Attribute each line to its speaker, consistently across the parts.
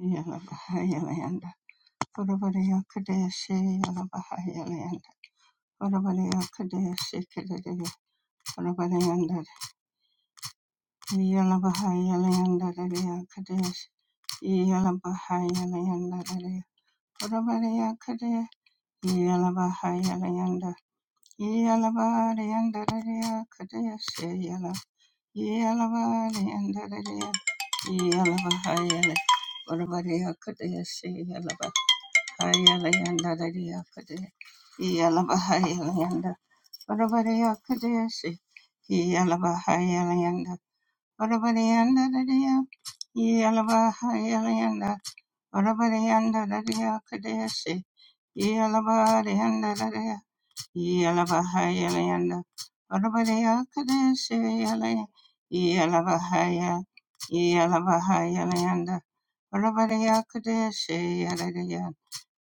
Speaker 1: Yalabahayalayanda. Urabariya Kadeshi Yalabahayalayanda. Urabariya Kadeshi Kadadiya. Urabariyanda. Yalabahayalayanda Dadiya Kadesh. Yalabahayalayanda Dadiya. Urabariya Kadesh. Yalabahayalayanda. Yalabariyanda Dadiya Kadeshi Yala. Yalabariyanda Dadiya. Yalabahayalayanda. Urabariya Kadeshi Yalaba. Hayalayandadadiyakade, Iyalabahayalayanda, Varavareyakadesi, Iyalabahayalayanda, Varavareyandadadiya, Iyalabahayalayanda, Varavareyandadadiyakadesi, Iyalabareyandadadiya, Iyalabahayalayanda, Varavareyakadesi, Iyalay- Iyalabahaya- Iyalabahayalayanda, Varavareyakadesi, Iyaladiya.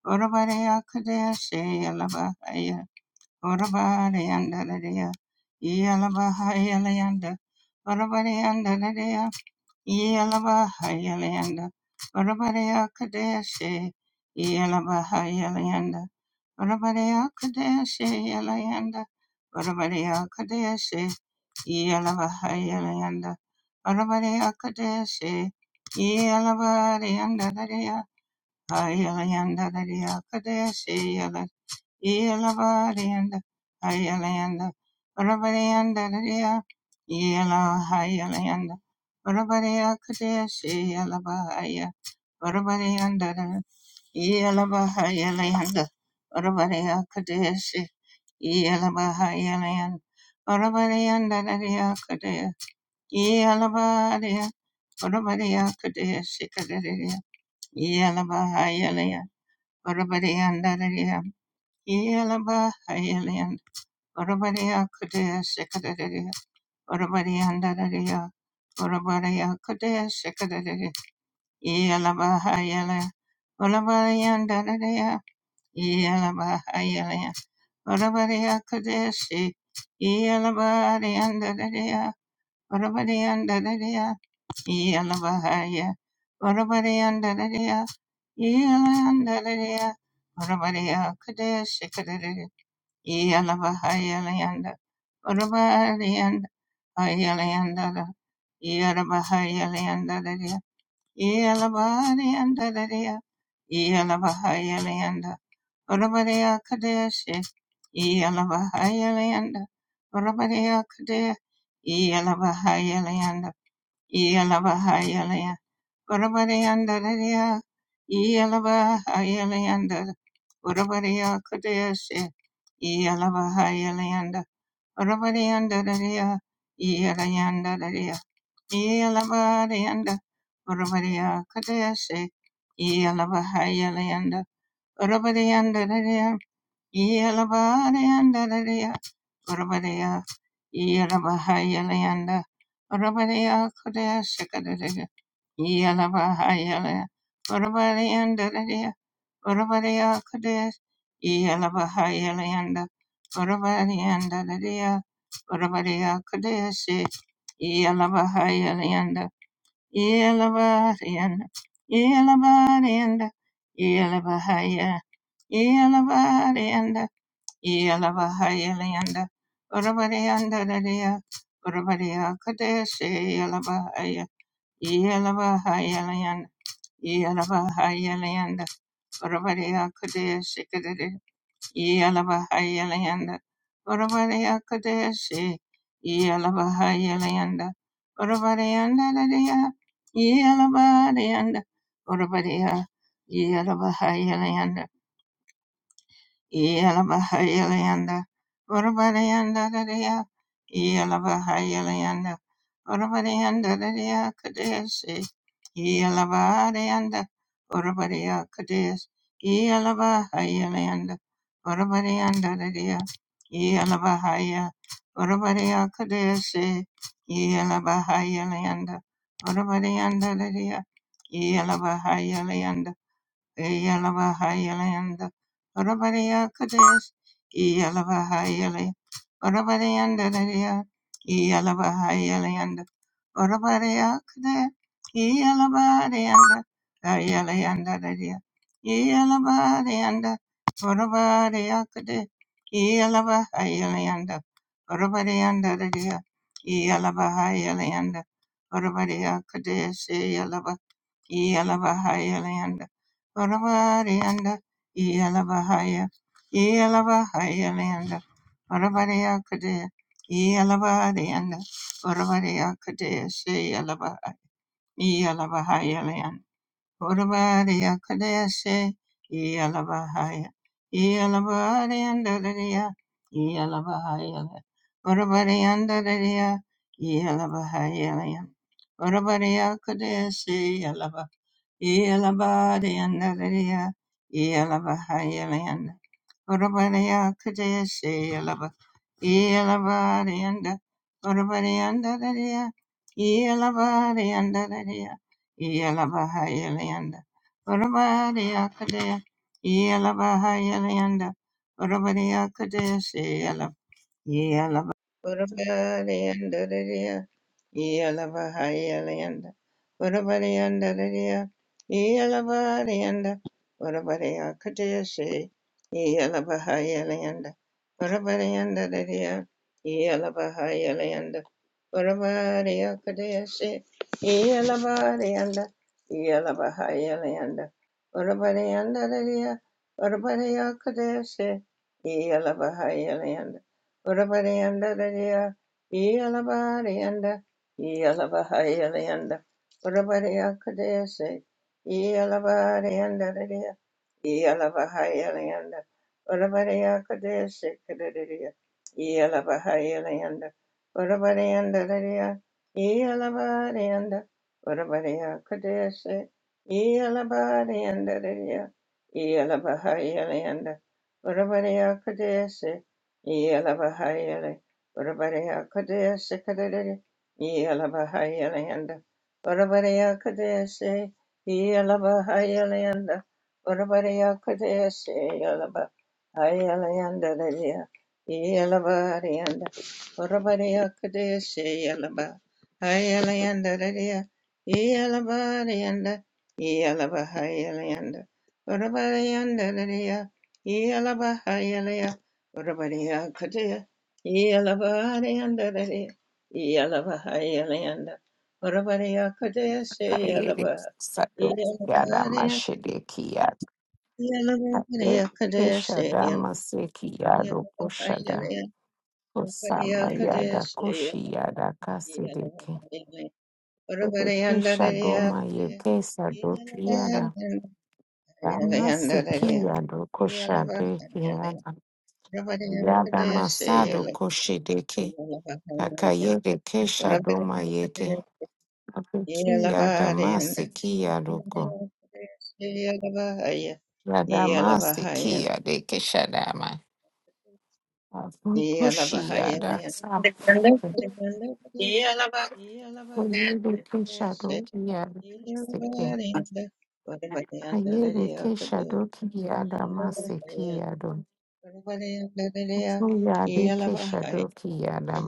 Speaker 1: Orabarea Kadea Shea Labahaya Orabarea and Dadadea Yalabahaya Leander Orabarea and Dadadea Yalabahaya Leander Orabarea Kadea se. Yalabahaya Leander Orabarea Kadea Shea Leander Orabarea Kadea se. Yalabahaya Leander Orabarea Kadea Shea Yalabahaya Ayalayanda Daria Kadeshi Yala Yelavarianda Ayalayanda Rabarianda Daria Yela Hayalayanda Rabaria Kadeshi Yalavaya Rabarianda Yelavahayalayanda Rabaria Kadeshi Yelavahayalayanda Rabarianda Daria Kadeshi Yelavaria Rabaria Kadeshi Kadeshi Yelavahayalayanda Orabariandararia, Yelaba, Hyalian, Orabaria Kudea Sekadaria, Orabariandararia, Orabaria Kudea Sekadaria, Yelaba, Hyalia, Orabariandararia, Yelaba, Hyalia, Orabaria Kudea Si, Yelaba, Riandararia, Yalabahaya, Varavareyandarareya, Yalandarareya, Varavareya Kadeshi Kadare, Yalabahaya Layanda, Varavareyanda, Ayalayandara, Yalabahaya Layandarareya, Yalavareyandarareya, Yalabahaya Layanda, Varavareya Kadeshi, Yalabahaya Layanda, Varavareya Kadeshi, Yalabahaya Layanda, Yalabahaya Layanda, Urabariyandarariya, Iyalabahayaliyanda, Urabariya Kudayasi, Iyalabahayaliyanda, Urabariyandariya, Iyalayandariya, Iyalabariyanda, Urabariya Kudayasi, Iyalabahayalayanda, Yelabadeandadadea, Urabadea, Yelabahayelianda, Urabadea Kudea Shikadadea, Yelabahayelea, Urabadeandadadea, Urabadea Kudea, Yelabahayelianda, Urabadeandadadea, Urabadea Kudea Shi, Yelabahayelianda, Yelabadeanda, Yelabadeanda, Yelabahaya, Yelabadeanda, Yalabahayalanda, Urabadiandadaya, Urabadia Kadeshi, Yalabahaya, Yalabahayalanda, Yalabahayalanda, Urabadia Kadeshi, Kadadi, Yalabahayalanda, Urabadia Kadeshi, Yalabahayalanda, Urabadiandadaya, Yalabadianda, Urabadia, Yalabahayalanda, Yelabahayalanda, Urabadayanda Dadaya, Yelabahayalanda, Urabadayanda Dadaya Kadesi, Yelabahayalanda, Urabadaya Kades, Yelabahayalanda, Urabadayanda Dadaya, Yelabahaya, Urabadaya Kadesi, Yelabahayalanda, Urabadayanda Dadaya, Yelabahayalanda, Yalabahayalayanda Orabariya Kadesh Yalabahayalayanda Orabariyanda Dariya Yalabahayalayanda Orabariya Kadesh Yalabariyanda Ayalayanda Dariya Yalabariyanda Orabariya Kadesh Yalabahayalayanda Orabariyanda Dariya Yalabahayalayanda Orabariya Kadesh Yalaba, Yalabahayalayanda Orabarianda, Yalabahaya, Yalabahaya Leanda, Orabaria Kadea, Yalabarianda, Orabaria Kadea, say Yalabaha, Yalabahaya Leanda, Orabaria Kadea, say Yalabahaya, Yalabarianda, Lydia, Yalabahaya, Orabarianda, Lydia, Yalabahaya Leanda, Orabaria Kadea, say Yalaba. Yelabadiandalaya, Yelabahayalanda, Urabadiya Kadeshe, Yelaba, Yelabadianda, Urabadiandalaya, Yelabadiandalaya, Yelabahayalanda, Urabadiya Kadea, Yelabahayalanda, Urabadiya Kadeshe, Urabariandariya, Yalabahayalianda, Urabariandariya, Yalabarianda, Urabariakadesi, Yalabahayalianda, Urabariandariya, Yalabahayalianda, Urabariakadesi, Yalabarianda, Yalabahayalianda, Urabariandariya, Urabariakadesi, Yalabahayalianda, Urabarianda Radia, Yalabarianda, Yalabahayalianda, Urabaria Kadesi, Yalabarianda Radia, Yalabahayalianda, Urabaria Kadesi Kadadia, Yalabahayalianda, Urabarianda Radia, Yalabarianda, Urabaria Kadesi, Yalabarianda Radia, Yalabahayalianda, Urabaria Kadesi, Yelavahayele, Varavareya Kadesha Kadere, Yelavahayele and Varavareya Kadesha, Yelavahayele and Varavareya Kadesha, Yelavahayele and Delia, Yelavari and Varavareya Kadesha, Yelavahayele and Delia, Yelavari and Yelavahayele and Varavareya and Delia, Yala Bahayele. Urabadiya Kataya Yalabahandare Yalabahayalanda Urabadiya Kataya say
Speaker 2: Kayede
Speaker 1: Yalaba
Speaker 2: Sado Yada
Speaker 1: Yalabadiya
Speaker 2: Mashede Kiyat
Speaker 1: Yalabadiya Kataya say
Speaker 2: Peshada Maseki Yado Koshada
Speaker 1: Yalabahayalanda Urabadiya
Speaker 2: Osama
Speaker 1: Kataya
Speaker 2: Yada
Speaker 1: say
Speaker 2: Koshi Yada Kasedeke
Speaker 1: Yalabahayalanda
Speaker 2: Yede
Speaker 1: Urabadiyandare
Speaker 2: Kishado
Speaker 1: Kataya
Speaker 2: Mayeke Sado Yada
Speaker 1: Yalabahayalanda Yalabahayalanda
Speaker 2: Damaseki
Speaker 1: Urabadiya
Speaker 2: Yado Koshade Yada Yada
Speaker 1: Kataya say
Speaker 2: Masado Koshedeke
Speaker 1: Yalabahayalanda
Speaker 2: Kakayede
Speaker 1: Yeah.
Speaker 2: Keshado Mayeke Abeki Yada Maseki Yadoko Radamasi kia de keshadama. Kushia da sa. Kuyede keshado kia da seke. Ayede keshado kia da masekia do. Kuyade keshado kia da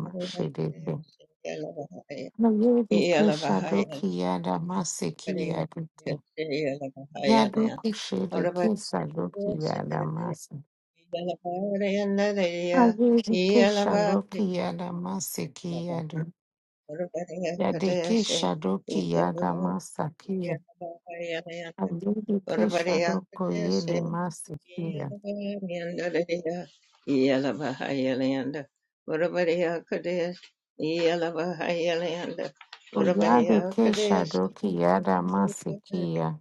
Speaker 2: Ayede keshado kia da
Speaker 1: Korea, Syria, Bahia,
Speaker 2: Yado kushede
Speaker 1: Arabat,
Speaker 2: kesado kia
Speaker 1: Secretary,
Speaker 2: masi.
Speaker 1: Yalabaria,
Speaker 2: Ayede keshado
Speaker 1: Yalabaria,
Speaker 2: kia da
Speaker 1: Urbaria,
Speaker 2: Yadeke
Speaker 1: Kadeshi,
Speaker 2: shadoki yada masakia.
Speaker 1: Yalabaria,
Speaker 2: Adeke
Speaker 1: Urbaria,
Speaker 2: shadoko
Speaker 1: Kadeshi,
Speaker 2: yede masikia.
Speaker 1: Yalabaria, Yalabaria, Urbaria, Kadesh, Yalabaria, Urbaria,
Speaker 2: Oyadeke
Speaker 1: Kadesh,
Speaker 2: shadoki yada masikia.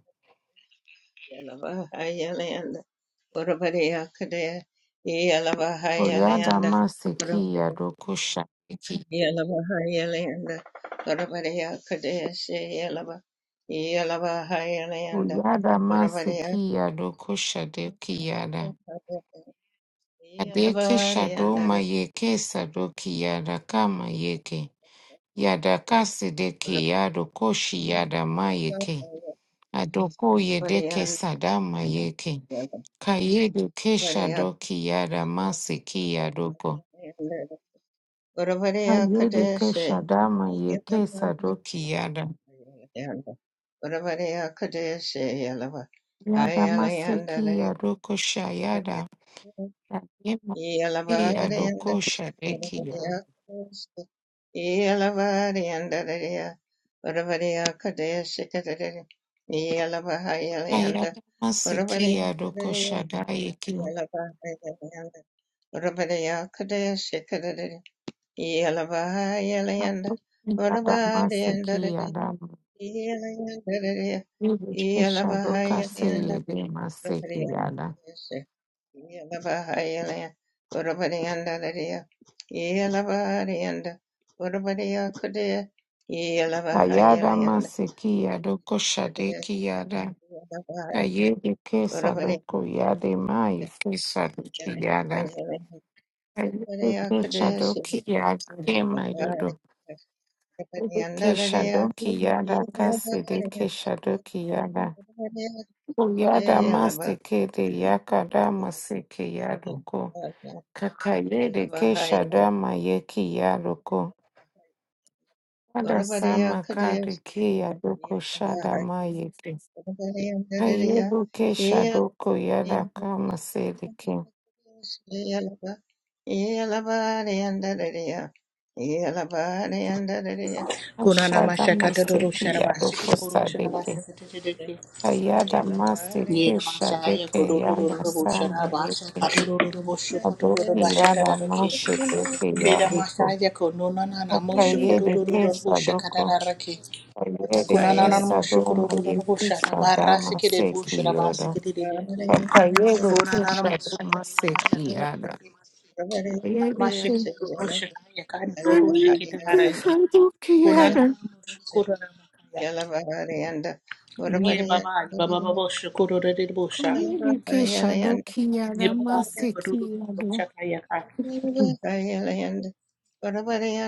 Speaker 1: Yalavahayalayanda, Urabadiyakadaya,
Speaker 2: Oyada
Speaker 1: Yalavahayalayanda,
Speaker 2: masikia
Speaker 1: Urabadiyakadaya,
Speaker 2: doko shadeki.
Speaker 1: Yalavahayalayanda, Urabadiyakadaya, Se Yalava, Yalavahayalayanda,
Speaker 2: Oyada
Speaker 1: Urabadiyakadaya,
Speaker 2: masikia doko shadeki yada. Adeke
Speaker 1: Yalavadiyanda,
Speaker 2: shadoma yeke sadoki yada kama yeke. Yada kasideki yado koshi yada mayeke.
Speaker 1: Urabadiyanda,
Speaker 2: Adoko
Speaker 1: Urabadiya,
Speaker 2: yedeke sadama yeke. Kayedu Kesha Doki Yada Masiki Yadoko. Kayedu
Speaker 1: Urabadiyakadaya, Say.
Speaker 2: Kesha Dama Yeke Sadoki Yada.
Speaker 1: Yanda. Urabariya Kadeshe Yalava.
Speaker 2: Yada
Speaker 1: Ayala Yanda
Speaker 2: Masiki
Speaker 1: Lari
Speaker 2: Yadoko Shayada. Yema siki
Speaker 1: Yalavada Yanda.
Speaker 2: Yadoko Shadeki
Speaker 1: Urabariya
Speaker 2: Yada.
Speaker 1: Kadeshe. Yalavada Yanda Lari. Urabariya Kadeshe Kadari. Yalavaha Yala Yanda.
Speaker 2: Kayada Masiki
Speaker 1: Urabariya
Speaker 2: Yadoko
Speaker 1: Kadari.
Speaker 2: Shadayeki.
Speaker 1: Yalavaha Yala Yanda. Urabariya Kadeshe Kadari. Yalavaha Yala Yanda.
Speaker 2: Yada Masiki
Speaker 1: Urabariya
Speaker 2: Yada. Yedu Kesha Doka Seyede Masiki Yada. Ayada Masiki Yadoko Shadeki Yada.
Speaker 1: yeah.
Speaker 2: Kayede Kesadoku Yade Mai Kesadoki Yada. Kayede Kesadoki Yada Dema Yodo. Keshadoki Yada Kasede Keshadoki Yada. Uyada Masekede Yakada Maseke Yadoko. Kakayede Keshadama Yeki Yadoko. Ada Sama Kade Kiyadoko Shada Mayeke. Kayedu Keshadoko Yada Kama Sedeke.
Speaker 1: Yeah.
Speaker 3: Kurana
Speaker 2: Ashada
Speaker 3: mashaka dororo
Speaker 2: Maseki
Speaker 3: sharaba
Speaker 2: Yadoko
Speaker 3: shikoro sharaba
Speaker 2: Sadeke
Speaker 3: sakateteke.
Speaker 2: Kayada Maseki
Speaker 3: Yera mashaya
Speaker 2: Shadeke Yada
Speaker 3: kororo
Speaker 2: Samu
Speaker 3: sharaba
Speaker 2: Yeke
Speaker 3: shakatororo boshokotororo
Speaker 2: Adoki Yada
Speaker 3: bashakararake.
Speaker 2: Mashedeke
Speaker 3: Keda
Speaker 2: Yaduko
Speaker 3: mashaya konona nana
Speaker 2: Akayede
Speaker 3: moshokororo
Speaker 2: Kesadoko
Speaker 3: boshakararake.
Speaker 2: Kayede
Speaker 3: Kunana nana
Speaker 2: Kesadoma
Speaker 3: moshokororo
Speaker 2: Yeki
Speaker 3: bosharaba
Speaker 2: Shadama
Speaker 3: rasikere
Speaker 2: Seki
Speaker 3: bosharaba
Speaker 2: Yodo
Speaker 3: sikereke.
Speaker 2: Akayede
Speaker 3: Kunana
Speaker 2: Keshadoma Seki
Speaker 3: moshokororo
Speaker 2: Yada Kayede
Speaker 3: mashikiro
Speaker 1: Yalaba,
Speaker 3: roshakaya kandi roroshikira harariki
Speaker 2: Kesadoki
Speaker 3: kunana
Speaker 2: Yada
Speaker 3: noshukura Nye baba, ni baba baba shukuru rede bosha.
Speaker 2: Communication, Doki
Speaker 3: Nye
Speaker 2: Yada
Speaker 3: baba, ye kururu
Speaker 2: Maseki
Speaker 3: rede
Speaker 2: Yado
Speaker 3: bosha kaya kaya.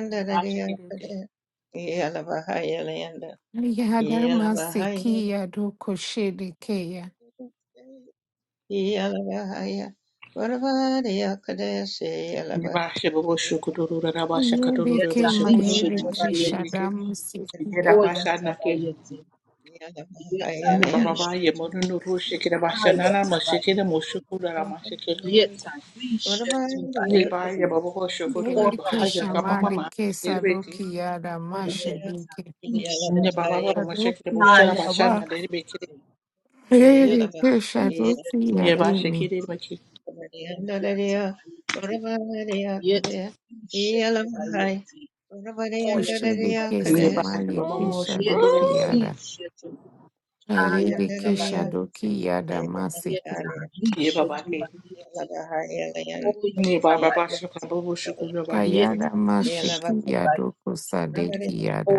Speaker 3: Nye ba shakiri te.
Speaker 2: Yadamasikia dukushirikia.
Speaker 3: Nye ba shabu shukuru rede bosha kururu rede
Speaker 2: Yedeke
Speaker 3: bosha kururu na bosha
Speaker 2: mayedeke
Speaker 4: Yetarishetubayet.
Speaker 3: kiri ke. Nye baba
Speaker 2: shadamusikiada.
Speaker 3: shana ke.
Speaker 4: Oyatabayeti.
Speaker 3: Nye baba ba ye
Speaker 4: Yetarishetu.
Speaker 3: monu nuru shakiri bosha nana mosha kiri
Speaker 4: Hayatabayeti.
Speaker 3: moshukuru rede bosha kiri.
Speaker 1: Yeah.
Speaker 3: Nye ba
Speaker 4: Yetarishetubayeti.
Speaker 3: ye baba baba shukuru rede
Speaker 2: Yedeke
Speaker 3: bosha jaka mama ma
Speaker 2: shamadeke
Speaker 4: Orashatabayeti.
Speaker 3: shakiri beti.
Speaker 2: sadokiyada mashirike.
Speaker 3: Nye
Speaker 4: Yetarishetu.
Speaker 3: baba baba mosha kiri bosha rede
Speaker 2: Adokiyada
Speaker 3: bosha
Speaker 2: wa.
Speaker 3: nana rede beti.
Speaker 4: Hayatabayeti.
Speaker 2: Yedeke
Speaker 4: Yetarishetubayeti.
Speaker 3: Nye ba
Speaker 2: shadokiyadimi.
Speaker 3: shakiri beti.
Speaker 4: Oyatabayeti. Yetarishetubayeti.
Speaker 2: Oshirike
Speaker 3: Nye
Speaker 4: Oyatabayeti.
Speaker 3: ba ye baba
Speaker 2: samayedeke
Speaker 3: mo shukuru
Speaker 4: Yeta
Speaker 3: rede bosha.
Speaker 2: shadokiyada.
Speaker 4: lishetu.
Speaker 2: Kayedeke
Speaker 4: Ayatabayeti.
Speaker 2: shadokiyada
Speaker 4: Yeta
Speaker 2: masikiri.
Speaker 3: Ye baba
Speaker 4: lishetu
Speaker 3: ke.
Speaker 4: bayeti.
Speaker 3: Ye baba ba shaka
Speaker 4: Oyatabayeti.
Speaker 3: babu shukuru ba shake.
Speaker 2: Kayada
Speaker 4: Yeta lishetu bayeti.
Speaker 2: mashikiyadokusadekiyada.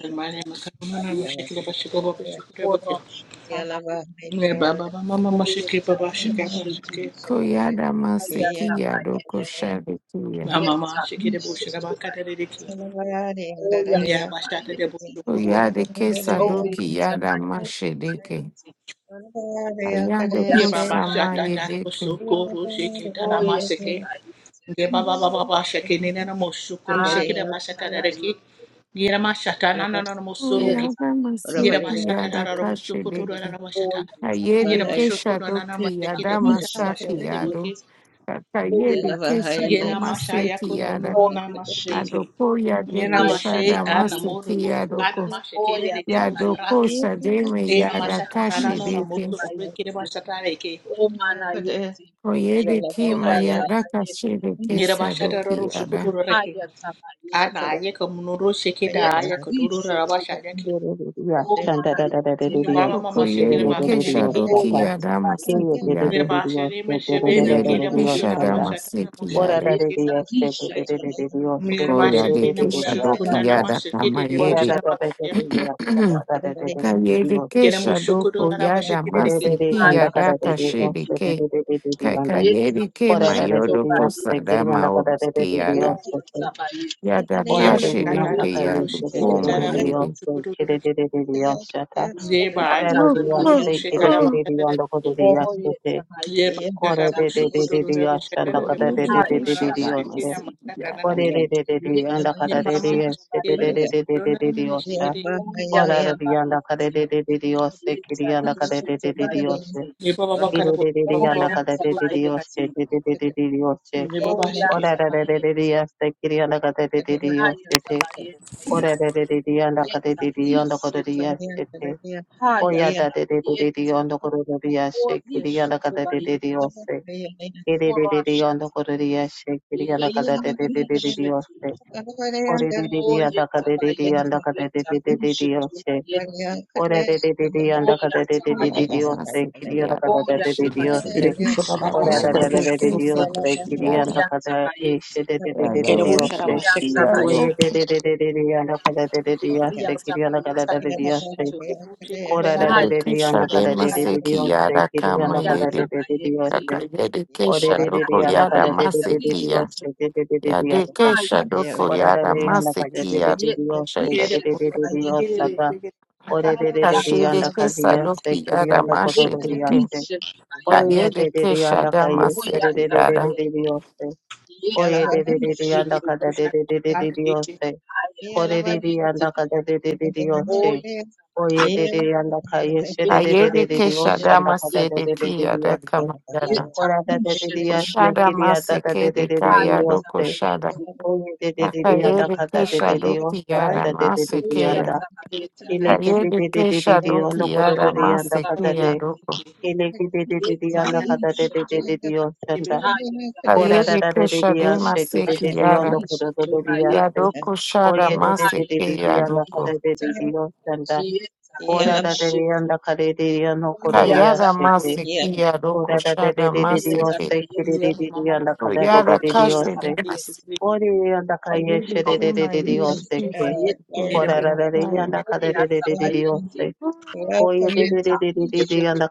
Speaker 3: Kalmani makamu na mashikila ba shaka babu shukuru ba kya.
Speaker 4: Orashatabayeti.
Speaker 3: Ye baba ba mama mashike
Speaker 4: Oyeta
Speaker 3: baba shaka ba
Speaker 4: lishetu.
Speaker 3: shake.
Speaker 2: Koyada masiki yado
Speaker 4: Ayatabayeti.
Speaker 2: koshade kuya.
Speaker 3: Mama
Speaker 4: Yeta
Speaker 3: ma shike de bushe
Speaker 4: lishetu
Speaker 3: ba kada de
Speaker 4: bayeti.
Speaker 3: deki. Ye ba shata de bu
Speaker 4: Oyatabayeti.
Speaker 3: shukuru.
Speaker 2: Koyade
Speaker 4: Oye,
Speaker 2: kesadoki yada
Speaker 4: tebayete,
Speaker 2: mashedeke.
Speaker 4: bayete.
Speaker 2: Ayado
Speaker 4: Oya,
Speaker 3: Ye baba
Speaker 2: koshama
Speaker 3: shata na
Speaker 4: tabayete.
Speaker 3: ro
Speaker 2: yedeke.
Speaker 3: shukuru shike tala ma
Speaker 4: Oye,
Speaker 3: shike.
Speaker 4: tebayete.
Speaker 3: Ye baba baba ba
Speaker 4: Rishetu.
Speaker 3: shake ni na mo shukuru shike de
Speaker 4: Aya,
Speaker 3: ba shata de deki.
Speaker 4: tabayete.
Speaker 3: Ye ma shata na na na mo
Speaker 4: Yeta,
Speaker 2: Koyada masiki
Speaker 4: rishetu,
Speaker 2: yada
Speaker 4: bayete.
Speaker 2: kashedeke.
Speaker 3: Yerabashatarararabushukuturararabashata.
Speaker 4: Oya,
Speaker 2: Ayede
Speaker 4: tabayete.
Speaker 2: keshadoki
Speaker 4: Yeta,
Speaker 2: yada
Speaker 4: rishetu,
Speaker 2: masaki yado.
Speaker 3: Yerabashukunananamashakidemushabashabedemokit.
Speaker 4: bayete. Oya,
Speaker 2: Kakayede keshado
Speaker 4: tabayete.
Speaker 2: maseki yada.
Speaker 4: O rishetu.
Speaker 3: Yeramashayakunununanamakideki.
Speaker 2: Adoko yade
Speaker 4: Aya,
Speaker 3: Yeramashe
Speaker 2: keshada masiki
Speaker 4: tabayete.
Speaker 2: yadoko.
Speaker 4: Oya,
Speaker 1: Yeah.
Speaker 2: Yadoko
Speaker 3: anamorurutakanamashaketererebusoraki.
Speaker 4: tabayete.
Speaker 2: shademe yada
Speaker 4: Yeta,
Speaker 1: Yeah.
Speaker 4: rishetu,
Speaker 2: kashedeke.
Speaker 4: bayete.
Speaker 3: Yeramashatanananamusukurekirebashatareke.
Speaker 4: O manayete.
Speaker 2: Koyere ki
Speaker 4: Oya
Speaker 2: mayara
Speaker 4: tabayete
Speaker 2: kashire ke
Speaker 4: risheto
Speaker 2: sadoki yada.
Speaker 3: Yerabashatararushukuturaraki.
Speaker 4: haya tabayete yeta risheto
Speaker 3: Anayekamunurushikidaayakatururarabashayaki.
Speaker 5: Ora
Speaker 4: oma na yete
Speaker 3: Mama
Speaker 4: bayete
Speaker 3: mama shekere
Speaker 2: Kokoyere ke
Speaker 3: bakadedeki.
Speaker 2: shadoki
Speaker 4: oya
Speaker 2: yada
Speaker 4: tabayete
Speaker 2: maseki yada.
Speaker 4: oya
Speaker 2: Koyere ke
Speaker 4: tabayete
Speaker 2: shada maseki yada.
Speaker 3: Yerabashirimeshebebekerebushurabashatanamoshukude.
Speaker 4: yeta risheto
Speaker 3: Mirabashi
Speaker 2: Kokoyere
Speaker 3: na
Speaker 2: ke
Speaker 4: oya
Speaker 3: Mushukuna
Speaker 2: shadoki
Speaker 4: tabayete
Speaker 2: yada
Speaker 3: Namashiki
Speaker 2: kama
Speaker 3: de
Speaker 2: yede.
Speaker 3: Bushalabakaya.
Speaker 2: Kayere ke
Speaker 3: Get a Mushukuru
Speaker 2: shadoko yada
Speaker 3: Rabashiki.
Speaker 2: maseki
Speaker 4: haya
Speaker 2: yada kashire
Speaker 4: tabayete
Speaker 2: ke.
Speaker 4: yeta
Speaker 2: Kakayere ke
Speaker 4: risheto
Speaker 2: mayodo ko
Speaker 4: bayete
Speaker 2: sadama oski yada.
Speaker 4: oya tabayete
Speaker 2: Yada
Speaker 3: Nearby
Speaker 2: kashire
Speaker 3: Katata
Speaker 2: ke
Speaker 4: yeta
Speaker 2: yada
Speaker 3: Rushiki
Speaker 4: risheto
Speaker 2: koma yede.
Speaker 4: bayete
Speaker 3: Tarabushukuru.
Speaker 4: oya
Speaker 3: Nearby
Speaker 5: Korere diyas
Speaker 2: Yada
Speaker 3: Kunuru
Speaker 4: tabayete
Speaker 5: te kiriri diyanda kodere
Speaker 3: Shikarabashaki.
Speaker 5: diyas te
Speaker 3: Nearby
Speaker 4: Oyetabayeti,
Speaker 5: korere de de de
Speaker 3: Katabushukuru
Speaker 4: yetarisheti,
Speaker 5: diyas anda
Speaker 3: Rabashaka, the
Speaker 5: kadere de de de
Speaker 3: Bushukuna
Speaker 5: de diyas
Speaker 3: Namashiki
Speaker 5: te
Speaker 4: ayetabayeti,
Speaker 3: Namatanaki.
Speaker 5: korere de de de anda
Speaker 3: Nearby
Speaker 5: kadere
Speaker 3: Mama
Speaker 5: diyas te de
Speaker 3: Shiki
Speaker 5: de
Speaker 3: and
Speaker 5: de
Speaker 4: yetarishetobayeti,
Speaker 5: de de
Speaker 3: Shona
Speaker 5: de Dios,
Speaker 3: Namashiki.
Speaker 5: ora de diyas te korere diyanda
Speaker 4: oyatabayeti,
Speaker 5: kadere de de de diyas te kiri anda kadere de de de diyas
Speaker 4: yetarishetobayeti,
Speaker 5: te
Speaker 3: Nearby Katabu
Speaker 5: kiriri de de anda
Speaker 3: Baba
Speaker 5: kadere de de
Speaker 3: Katabuka.
Speaker 5: diyas
Speaker 4: oyatabayeti,
Speaker 5: te de de de de de diyas te
Speaker 3: Nearby Shiki.
Speaker 5: korere de de de
Speaker 4: oyatabayeti,
Speaker 5: diyas te kiri anda kadere de de diyas te
Speaker 4: ayatabayeti,
Speaker 5: korere de de de anda kadere de de anda kodere
Speaker 4: yetarishetu,
Speaker 5: diyas te Oya da de de de de de
Speaker 4: ayatabayeti,
Speaker 5: yondo kororiya shekiri yanda kada de de de
Speaker 4: orishetobayeti,
Speaker 5: yose. Ere de de de yondo
Speaker 4: horashata,
Speaker 5: kororiya shekiri yanda kada de de de de de de yose.
Speaker 4: yetarishetu,
Speaker 5: Ore de de de
Speaker 4: Oh,
Speaker 5: yanda
Speaker 4: yeta
Speaker 5: kada de de
Speaker 4: bayeti,
Speaker 5: yanda kada de
Speaker 4: yeta
Speaker 5: de de de de
Speaker 4: rishe tu
Speaker 5: yose.
Speaker 4: bayeti.
Speaker 5: Ore de de de de
Speaker 4: Oh,
Speaker 5: yanda kada de
Speaker 4: yata
Speaker 5: de de de de
Speaker 4: bayeti.
Speaker 5: yose. Kiri yanda kada
Speaker 4: Oh,
Speaker 5: de de
Speaker 4: yata
Speaker 5: de de
Speaker 4: bayeti,
Speaker 5: yose.
Speaker 3: Rebusha
Speaker 4: rishe
Speaker 3: Baba
Speaker 4: tu
Speaker 5: Ora da da da
Speaker 4: bayeti.
Speaker 5: da de de yose.
Speaker 3: Shikarabushukuru.
Speaker 5: Kiri
Speaker 4: Oh,
Speaker 5: yanda
Speaker 4: yata
Speaker 5: kada
Speaker 4: bayeti.
Speaker 5: eşe de de de de de de
Speaker 3: Kerabu
Speaker 4: Oh,
Speaker 3: sharaba
Speaker 5: yose.
Speaker 4: yata
Speaker 3: shektebu
Speaker 5: Oye
Speaker 3: sharaba
Speaker 5: de
Speaker 4: bayeti.
Speaker 5: de de de de de yanda kada de de de
Speaker 4: Oh,
Speaker 1: Yeah.
Speaker 5: yose.
Speaker 4: yata
Speaker 5: Kiri yanda kada
Speaker 4: bayeti,
Speaker 5: de de de
Speaker 1: Yeah.
Speaker 4: rishe
Speaker 5: yose.
Speaker 4: tu.
Speaker 3: shektebu
Speaker 5: Kora da
Speaker 3: shekterara
Speaker 5: da da da
Speaker 4: Hayata
Speaker 5: anda kada da
Speaker 4: bayeti.
Speaker 5: da da da ose kiri
Speaker 4: Oh,
Speaker 5: anda kada
Speaker 4: yata
Speaker 5: da da da da
Speaker 4: bayeti.
Speaker 5: ose ore
Speaker 4: Oh,
Speaker 5: da da da
Speaker 4: yata
Speaker 5: anda kada da
Speaker 4: bayeti,
Speaker 5: da da da da
Speaker 4: rishe
Speaker 5: ose
Speaker 4: tu.
Speaker 5: da da da da da asa
Speaker 4: Hayata
Speaker 5: ora da da anda kada da da da da
Speaker 4: yeta,
Speaker 5: ose
Speaker 3: yere
Speaker 4: rishe
Speaker 5: kiri
Speaker 4: tu
Speaker 5: da da da da
Speaker 3: yere
Speaker 4: bayeti.
Speaker 3: be
Speaker 5: asa ka
Speaker 3: shekte shaka
Speaker 5: ore da
Speaker 4: Oh,
Speaker 5: da da da
Speaker 4: yata
Speaker 2: Kashede
Speaker 5: anda kada
Speaker 2: kesa
Speaker 5: da
Speaker 4: bayeti.
Speaker 5: ose
Speaker 2: doki
Speaker 5: kiri
Speaker 2: yada
Speaker 5: anda kada da
Speaker 4: Yeta,
Speaker 2: mashede
Speaker 5: da
Speaker 2: ke
Speaker 5: ase
Speaker 4: rishe tu
Speaker 5: ore ya
Speaker 4: bayeti.
Speaker 2: Kayede
Speaker 5: da da da
Speaker 2: kesha
Speaker 5: anda kada
Speaker 2: dama
Speaker 5: ose da da
Speaker 2: seki
Speaker 5: da da da
Speaker 2: yada.
Speaker 5: da da
Speaker 4: Oyatabayeti,
Speaker 5: ose ore da da da da
Speaker 3: yeke
Speaker 5: anda
Speaker 4: yetarishetu,
Speaker 5: kada da da
Speaker 3: sharaba
Speaker 5: da da da
Speaker 3: kat
Speaker 5: da
Speaker 3: yeke
Speaker 5: ose kore da da
Speaker 4: ayatabayeti,
Speaker 5: anda kada da da da da ose Oye de
Speaker 4: oyatabayeti,
Speaker 5: de yanda ka yeshe de de de
Speaker 2: Kayede
Speaker 5: de de de
Speaker 2: kesha
Speaker 5: oshanda
Speaker 2: dama
Speaker 5: ka da de
Speaker 2: sede
Speaker 4: yetarishetubayeti,
Speaker 5: de
Speaker 2: ki
Speaker 5: de de de
Speaker 2: yada
Speaker 5: yose.
Speaker 2: kama yada.
Speaker 5: Ora da de de de yase
Speaker 2: Shada
Speaker 3: sharaba
Speaker 4: yetarishetubayeti,
Speaker 5: kiriya da da
Speaker 3: sheketebu
Speaker 5: de
Speaker 2: maseke
Speaker 5: de
Speaker 2: de
Speaker 5: de de de
Speaker 2: kaya doko
Speaker 5: yose.
Speaker 2: shada.
Speaker 4: ayatabayeti,
Speaker 5: Oye de de de de yanda
Speaker 2: Kayede
Speaker 5: ka de
Speaker 2: kesha
Speaker 5: de de
Speaker 4: oyatabayeti,
Speaker 2: doki
Speaker 5: osha da
Speaker 3: bai
Speaker 2: yada
Speaker 5: da
Speaker 3: ko
Speaker 5: de de de de
Speaker 2: maseke
Speaker 3: sharaba
Speaker 2: ya.
Speaker 5: yanda.
Speaker 4: oyatabayeti,
Speaker 3: yeke
Speaker 5: Ile ke de anda
Speaker 2: Kayede
Speaker 4: arishetu,
Speaker 5: y le que de de de de
Speaker 2: kesha
Speaker 5: de ondo
Speaker 2: doki
Speaker 5: ko de
Speaker 3: mata
Speaker 2: yada
Speaker 5: de de yanda ka da
Speaker 2: maseke
Speaker 5: de.
Speaker 2: ya
Speaker 4: obababayatabayeti,
Speaker 2: doko.
Speaker 5: Ile ke de de de de yanda
Speaker 3: mata
Speaker 5: ka de de
Speaker 4: yetarishetu,
Speaker 5: de de de
Speaker 1: Glory to God. Welcome welcome, everyone
Speaker 3: yebe
Speaker 5: oshanda. Ora da
Speaker 2: Kayede
Speaker 5: da
Speaker 4: ayatabayeti,
Speaker 5: de de
Speaker 2: kesha
Speaker 5: de
Speaker 2: de
Speaker 5: yashe de de
Speaker 3: kata
Speaker 5: de
Speaker 2: maseki
Speaker 5: de
Speaker 2: yada.
Speaker 5: ondo ko de de de de yase.
Speaker 4: yetarishetubayeti,
Speaker 2: Yadoko shada
Speaker 5: Oye de de de de de
Speaker 2: maseke
Speaker 5: de
Speaker 2: ya
Speaker 5: yanda ka
Speaker 2: doko.
Speaker 5: de
Speaker 4: ayatabayeti.
Speaker 5: de de oshanda.
Speaker 4: Yeta, Yishitu,
Speaker 5: Morning,
Speaker 3: baba
Speaker 4: Uyata
Speaker 2: Kayada
Speaker 3: ko
Speaker 4: Bayeti,
Speaker 2: maseki ya doko shada
Speaker 4: Uyeta
Speaker 2: maseke.
Speaker 4: Bayeti,
Speaker 3: mama mama yebe
Speaker 2: Yada
Speaker 4: Horasha
Speaker 3: kuru
Speaker 2: kashi
Speaker 3: rama
Speaker 2: de maseke.
Speaker 3: yeke
Speaker 4: Tabayeti,
Speaker 2: I will declare
Speaker 4: Yeta,
Speaker 2: my
Speaker 4: Yishitu
Speaker 2: relocation to
Speaker 4: Bayeti,
Speaker 3: kerabu
Speaker 2: Yadapaya.
Speaker 3: yere
Speaker 4: Uyata Bayeti, Yeta, Yishitu,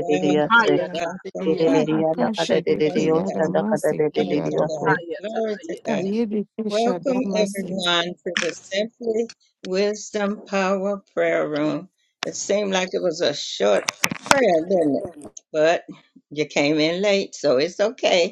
Speaker 1: Welcome,
Speaker 3: urara
Speaker 4: Hayata,
Speaker 3: kerebe
Speaker 1: welcome.
Speaker 4: Yeta,
Speaker 2: Adakashe
Speaker 4: Yishitu
Speaker 2: deke
Speaker 1: Praise God.
Speaker 4: Bayeti,
Speaker 2: Yadamaseki
Speaker 1: Glory to God.
Speaker 2: Yaduko.
Speaker 4: Hayata
Speaker 1: Glory to God.
Speaker 4: Bayeti.
Speaker 2: Kayede
Speaker 1: Welcome,
Speaker 2: Kesha
Speaker 1: everyone, to the Simply Wisdom Power Prayer Room. It seemed like it was a short prayer, didn't it? But you came in late, so it's okay.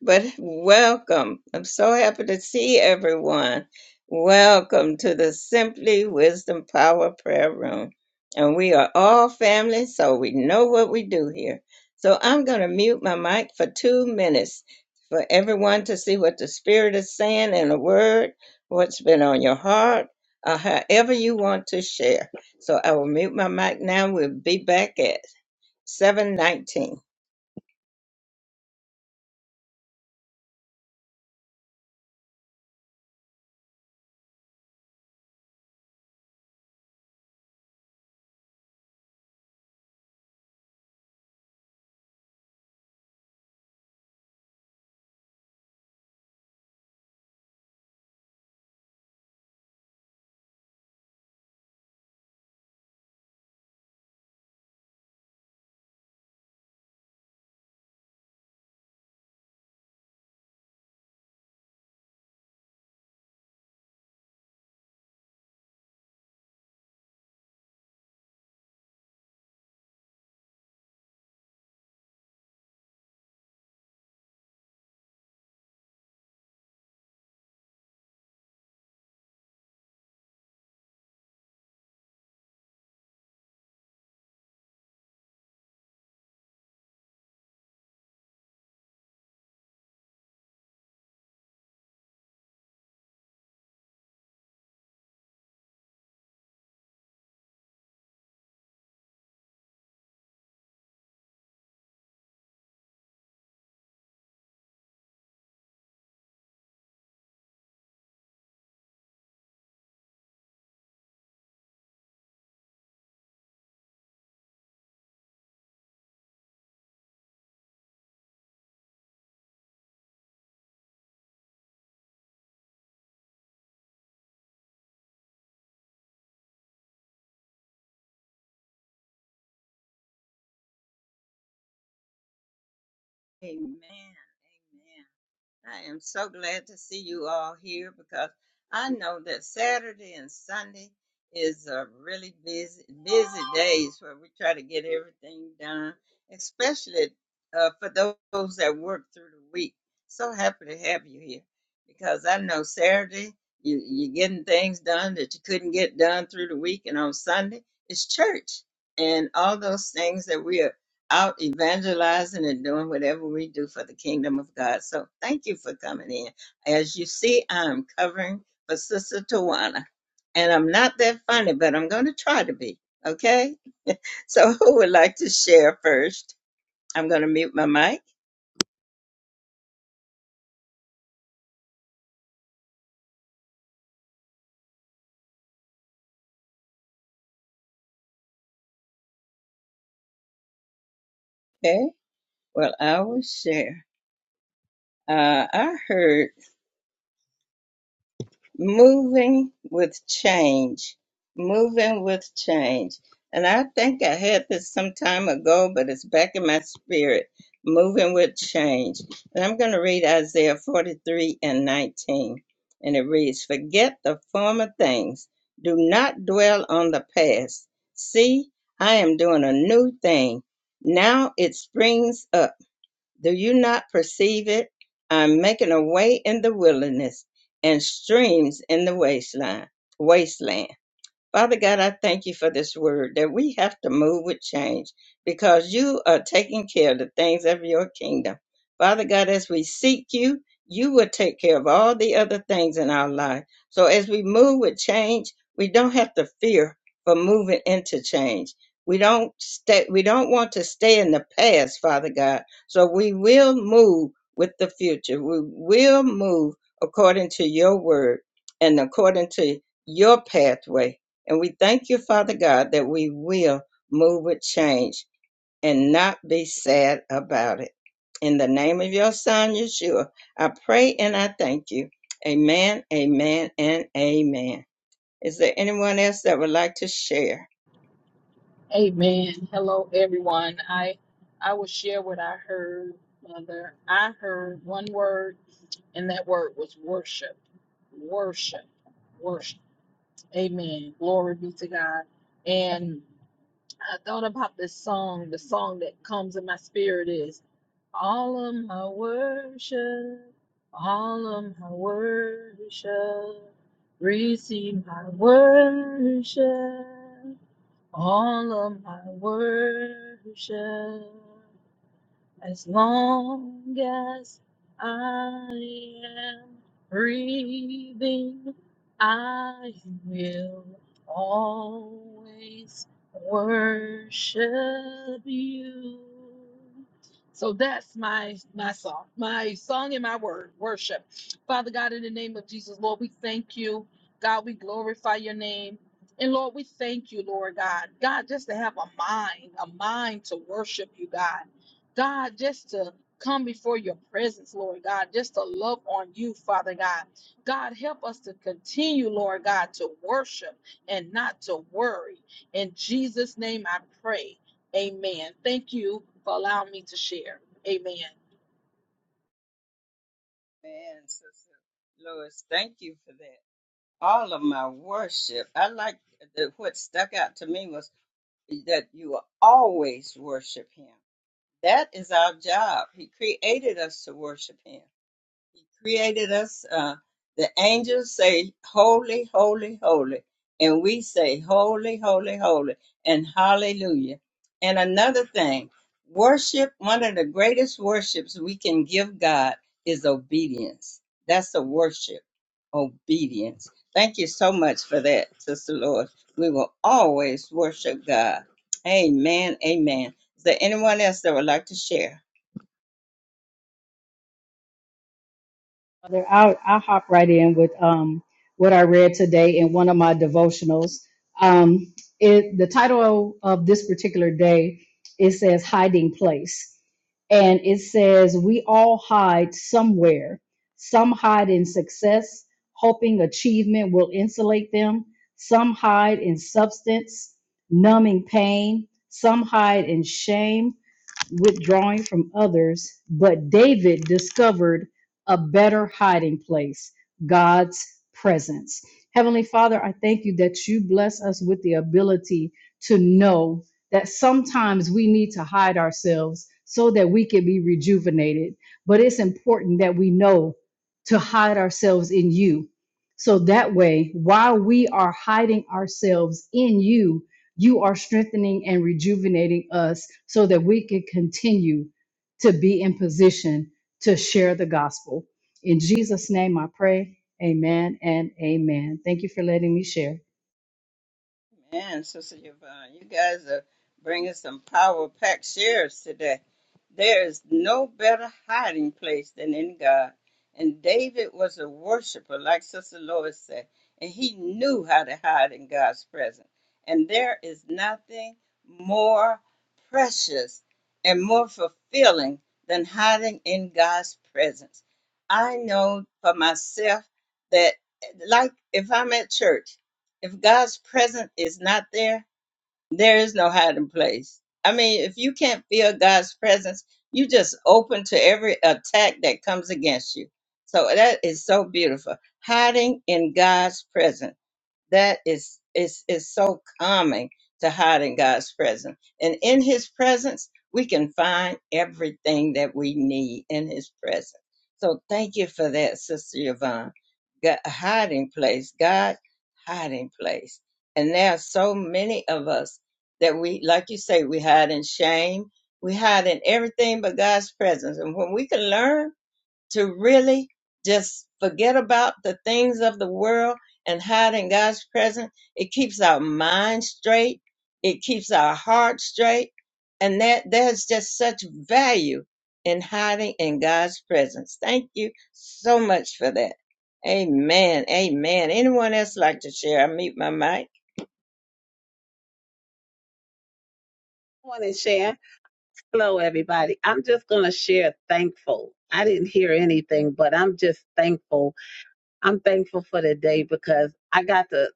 Speaker 1: But welcome. I'm so happy to see everyone. Welcome to the Simply Wisdom Power Prayer Room. And we are all family, so we know what we do here. So I'm going to mute my mic for two minutes for everyone to see what the Spirit is saying in a word, what's been on your heart, or however you want to share. So I will mute my mic now. We'll be back at 719. Amen. I am so glad to see you all here because I know that Saturday and Sunday is a really busy busy days where we try to get everything done, especially uh, for those that work through the week. So happy to have you here because I know Saturday you you're getting things done that you couldn't get done through the week, and on Sunday it's church and all those things that we are out evangelizing and doing whatever we do for the kingdom of God. So thank you for coming in. As you see, I'm covering for Sister Tawana. And I'm not that funny, but I'm going to try to be. Okay? So who would like to share first? I'm going to mute my mic. Okay? Well, I will share. Uh, I heard. moving with change moving with change and i think i had this some time ago but it's back in my spirit moving with change and i'm going to read isaiah 43 and 19 and it reads forget the former things do not dwell on the past see i am doing a new thing now it springs up do you not perceive it? I'm making a way in the wilderness and streams in the wasteland. Wasteland. Father God, I thank you for this word that we have to move with change because you are taking care of the things of your kingdom. Father God, as we seek you, you will take care of all the other things in our life. So as we move with change, we don't have to fear for moving into change. We don't stay, we don't want to stay in the past, Father God. So we will move with the future. We will move according to your word and according to your pathway. And we thank you, Father God, that we will move with change and not be sad about it. In the name of your Son, Yeshua, I pray and I thank you. Amen, amen, and amen. Is there anyone else that would like to share?
Speaker 4: Amen. Hello, everyone. I I will share what I heard, Mother. I heard one word And that word was worship, worship, worship. Amen. Glory be to God. And I thought about this song. The song that comes in my spirit is All of my worship, all of my worship, receive my worship, all of my worship. As long as I am breathing, I will always worship you. So that's my my song, my song and my word, worship. Father God, in the name of Jesus, Lord, we thank you. God, we glorify your name. And Lord, we thank you, Lord God. God, just to have a mind, a mind to worship you, God. God, just to come before your presence, Lord God, just to love on you, Father God. God, help us to continue, Lord God, to worship and not to worry. In Jesus' name I pray. Amen. Thank you for allowing me to share. Amen.
Speaker 1: Man, Sister Lois, thank you for that. All of my worship, I like the, what stuck out to me was that you will always worship Him. That is our job. He created us to worship Him. created us. Uh, the angels say, Holy, holy, holy. And we say, Holy, holy, holy. And hallelujah. And another thing, worship, one of the greatest worships we can give God is obedience. That's a worship, obedience. Thank you so much for that, Sister Lord. We will always worship God. Amen. Amen. Is there anyone else that would like to share?
Speaker 6: Father, I'll, I'll hop right in with um, what I read today in one of my devotionals. Um, it, the title of this particular day, it says Hiding Place. And it says, We all hide somewhere. Some hide in success, hoping achievement will insulate them. Some hide in substance, numbing pain. Some hide in shame withdrawing from others, but David discovered a better hiding place God's presence. Heavenly Father, I thank you that you bless us with the ability to know that sometimes we need to hide ourselves so that we can be rejuvenated. But it's important that we know to hide ourselves in you. So that way, while we are hiding ourselves in you, you are strengthening and rejuvenating us so that we can continue to be in position to share the gospel. In Jesus' name I pray. Amen and amen. Thank you for letting me share.
Speaker 1: Man, Sister Yvonne, you guys are bringing some power packed shares today. There is no better hiding place than in God. And David was a worshiper, like Sister Lois said, and he knew how to hide in God's presence. And there is nothing more precious and more fulfilling than hiding in God's presence. I know for myself that, like if I'm at church, if God's presence is not there, there is no hiding place. I mean, if you can't feel God's presence, you just open to every attack that comes against you. So that is so beautiful. Hiding in God's presence that is is is so calming to hide in God's presence. And in his presence, we can find everything that we need in his presence. So thank you for that, Sister Yvonne. God, hiding place, God, hiding place. And there are so many of us that we, like you say, we hide in shame. We hide in everything but God's presence. And when we can learn to really just forget about the things of the world and hide in God's presence. It keeps our mind straight. It keeps our heart straight. And that there's just such value in hiding in God's presence. Thank you so much for that. Amen. Amen. Anyone else like to share? I mute my mic.
Speaker 5: share. Hello, everybody. I'm just gonna share thankful. I didn't hear anything, but I'm just thankful. I'm thankful for the day because I got to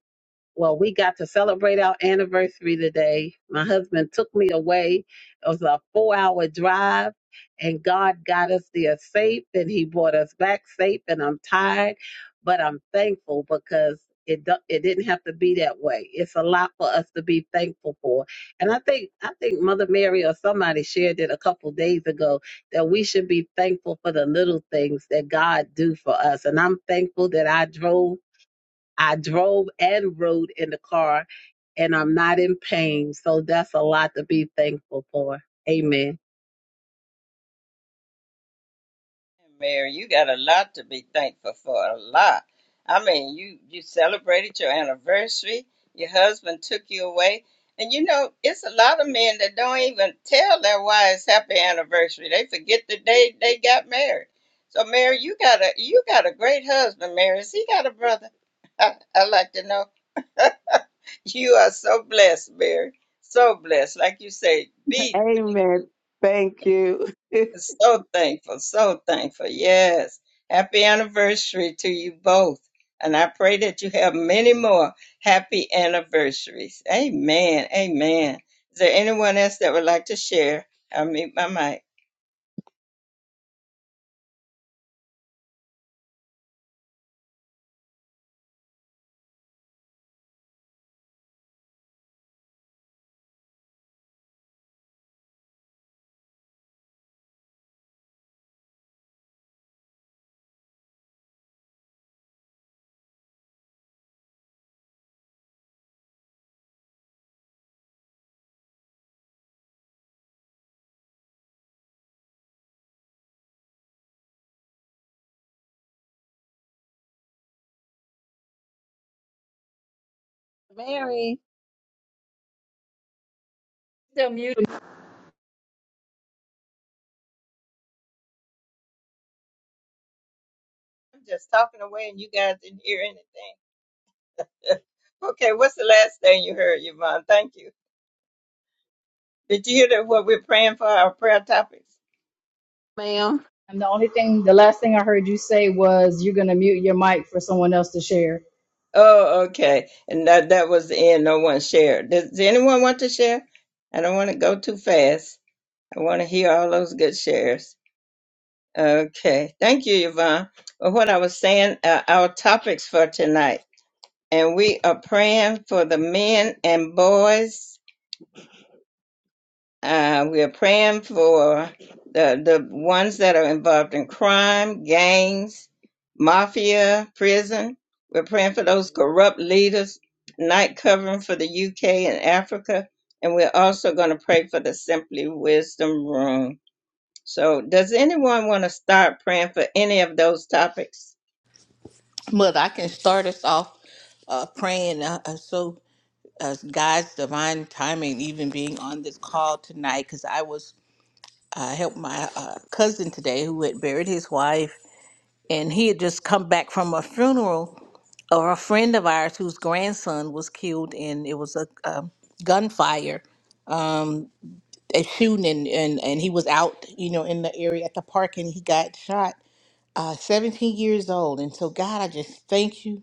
Speaker 5: well, we got to celebrate our anniversary today. My husband took me away. It was a four hour drive, and God got us there safe, and He brought us back safe. And I'm tired, but I'm thankful because it do- it didn't have to be that way. It's a lot for us to be thankful for. And I think I think Mother Mary or somebody shared it a couple days ago that we should be thankful for the little things that God do for us. And I'm thankful that I drove I drove and rode in the car, and I'm not in pain. So that's a lot to be thankful for. Amen.
Speaker 1: Mary, you got a lot to be thankful for. A lot. I mean, you you celebrated your anniversary. Your husband took you away, and you know it's a lot of men that don't even tell their wives happy anniversary. They forget the day they got married. So, Mary, you got a you got a great husband. Mary, Has he got a brother. I, I like to know. You are so blessed, Mary. So blessed, like you say. be.
Speaker 5: Amen. Thank you.
Speaker 1: So thankful, so thankful. Yes. Happy anniversary to you both. And I pray that you have many more happy anniversaries. Amen. Amen. Is there anyone else that would like to share? I'll mute my mic.
Speaker 5: Mary,
Speaker 6: Still muted.
Speaker 1: I'm just talking away and you guys didn't hear anything. okay, what's the last thing you heard, Yvonne? Thank you. Did you hear that what we're praying for, our prayer topics?
Speaker 5: ma'am,
Speaker 6: And the only thing, the last thing I heard you say was you're going to mute your mic for someone else to share
Speaker 1: Oh, okay. And that, that was the end. No one shared. Does, does anyone want to share? I don't want to go too fast. I want to hear all those good shares. Okay. Thank you, Yvonne. Well, what I was saying, uh, our topics for tonight, and we are praying for the men and boys. Uh, we are praying for the, the ones that are involved in crime, gangs, mafia, prison. We're praying for those corrupt leaders, night covering for the UK and Africa. And we're also going to pray for the Simply Wisdom Room. So, does anyone want to start praying for any of those topics?
Speaker 3: Mother, I can start us off uh, praying. Uh, uh, so, uh, God's divine timing, even being on this call tonight, because I was uh, helped my uh, cousin today who had buried his wife, and he had just come back from a funeral of a friend of ours whose grandson was killed in it was a um gunfire, um, a shooting, and, and and he was out, you know, in the area at the park, and he got shot. Uh, 17 years old, and so God, I just thank you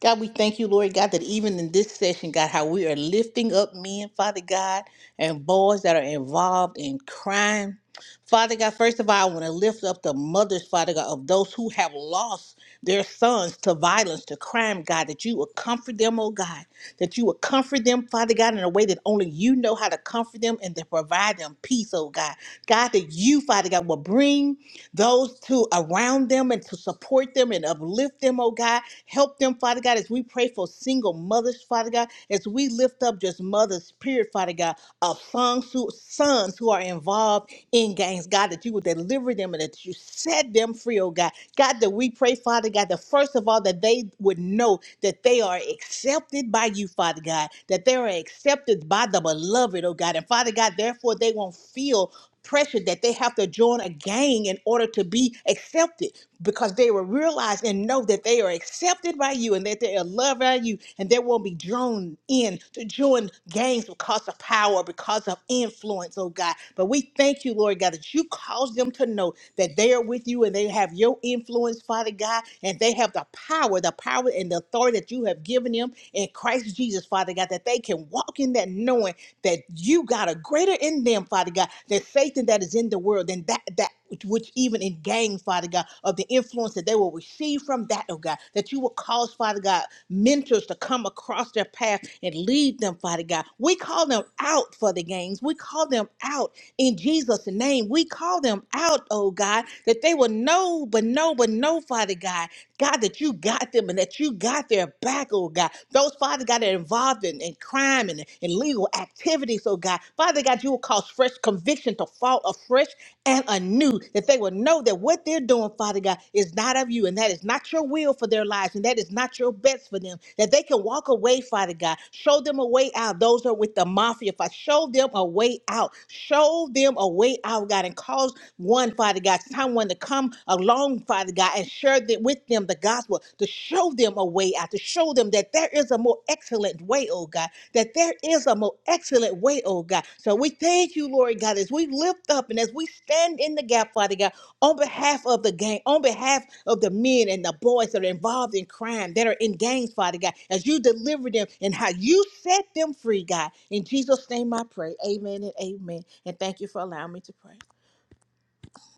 Speaker 3: God, we thank you, Lord God, that even in this session, God, how we are lifting up men, Father God, and boys that are involved in crime. Father God, first of all, I want to lift up the mothers, Father God, of those who have lost their sons to violence, to crime, God, that you will comfort them, oh God, that you will comfort them, Father God, in a way that only you know how to comfort them and to provide them peace, oh God. God, that you, Father God, will bring those to around them and to support them and uplift them, oh God. Help them, Father God, as we pray for single mothers, Father God, as we lift up just mothers, period, Father God, of sons who, sons who are involved in gangs, God, that you would deliver them and that you set them free, oh God. God, that we pray, Father God, that first of all, that they would know that they are accepted by you, Father God, that they are accepted by the beloved, oh God. And Father God, therefore, they won't feel pressure that they have to join a gang in order to be accepted because they will realize and know that they are accepted by you and that they are loved by you and they won't be drawn in to join gangs because of power, because of influence, oh God. But we thank you, Lord God, that you cause them to know that they are with you and they have your influence, Father God, and they have the power, the power and and the authority that you have given them in Christ Jesus, Father God, that they can walk in that knowing that you got a greater in them, Father God, that Satan that is in the world and that that which which even in gang, Father God, of the influence that they will receive from that, oh God, that you will cause, Father God, mentors to come across their path and lead them, Father God. We call them out for the gangs. We call them out in Jesus' name. We call them out, oh God, that they will know, but know, but know, Father God, God, that you got them and that you got their back, oh God. Those, Father God, that are involved in, in crime and in legal activities, oh God. Father God, you will cause fresh conviction to fall afresh and anew, that they will know that what they're doing, Father God, is not of you, and that is not your will for their lives, and that is not your best for them. That they can walk away, Father God. Show them a way out. Those are with the mafia. If I show them a way out, show them a way out, God, and cause one, Father God, someone to come along, Father God, and share that with them the gospel, to show them a way out, to show them that there is a more excellent way, oh God, that there is a more excellent way, oh God. So we thank you, Lord God, as we lift up and as we stand in the gap, Father God, on behalf of the gang, on behalf of the men and the boys that are involved in crime, that are in gangs, Father God, as you deliver them and how you set them free, God. In Jesus' name I pray. Amen and amen. And thank you for allowing me to pray.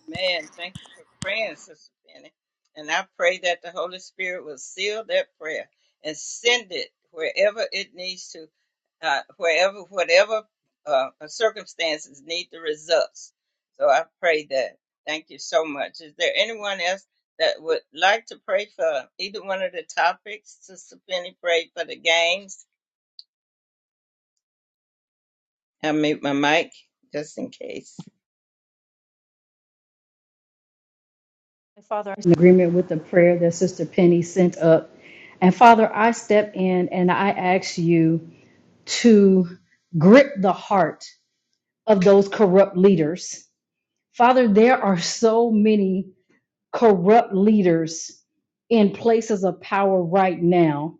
Speaker 1: Man, thank you for praying, Sister Penny. And I pray that the Holy Spirit will seal that prayer and send it wherever it needs to, uh, wherever, whatever uh, circumstances need the results. So, I pray that. Thank you so much. Is there anyone else that would like to pray for either one of the topics? Sister Penny prayed for the games. I mute my mic just in case.
Speaker 6: Father, I in agreement with the prayer that Sister Penny sent up. And Father, I step in and I ask you to grip the heart of those corrupt leaders Father, there are so many corrupt leaders in places of power right now,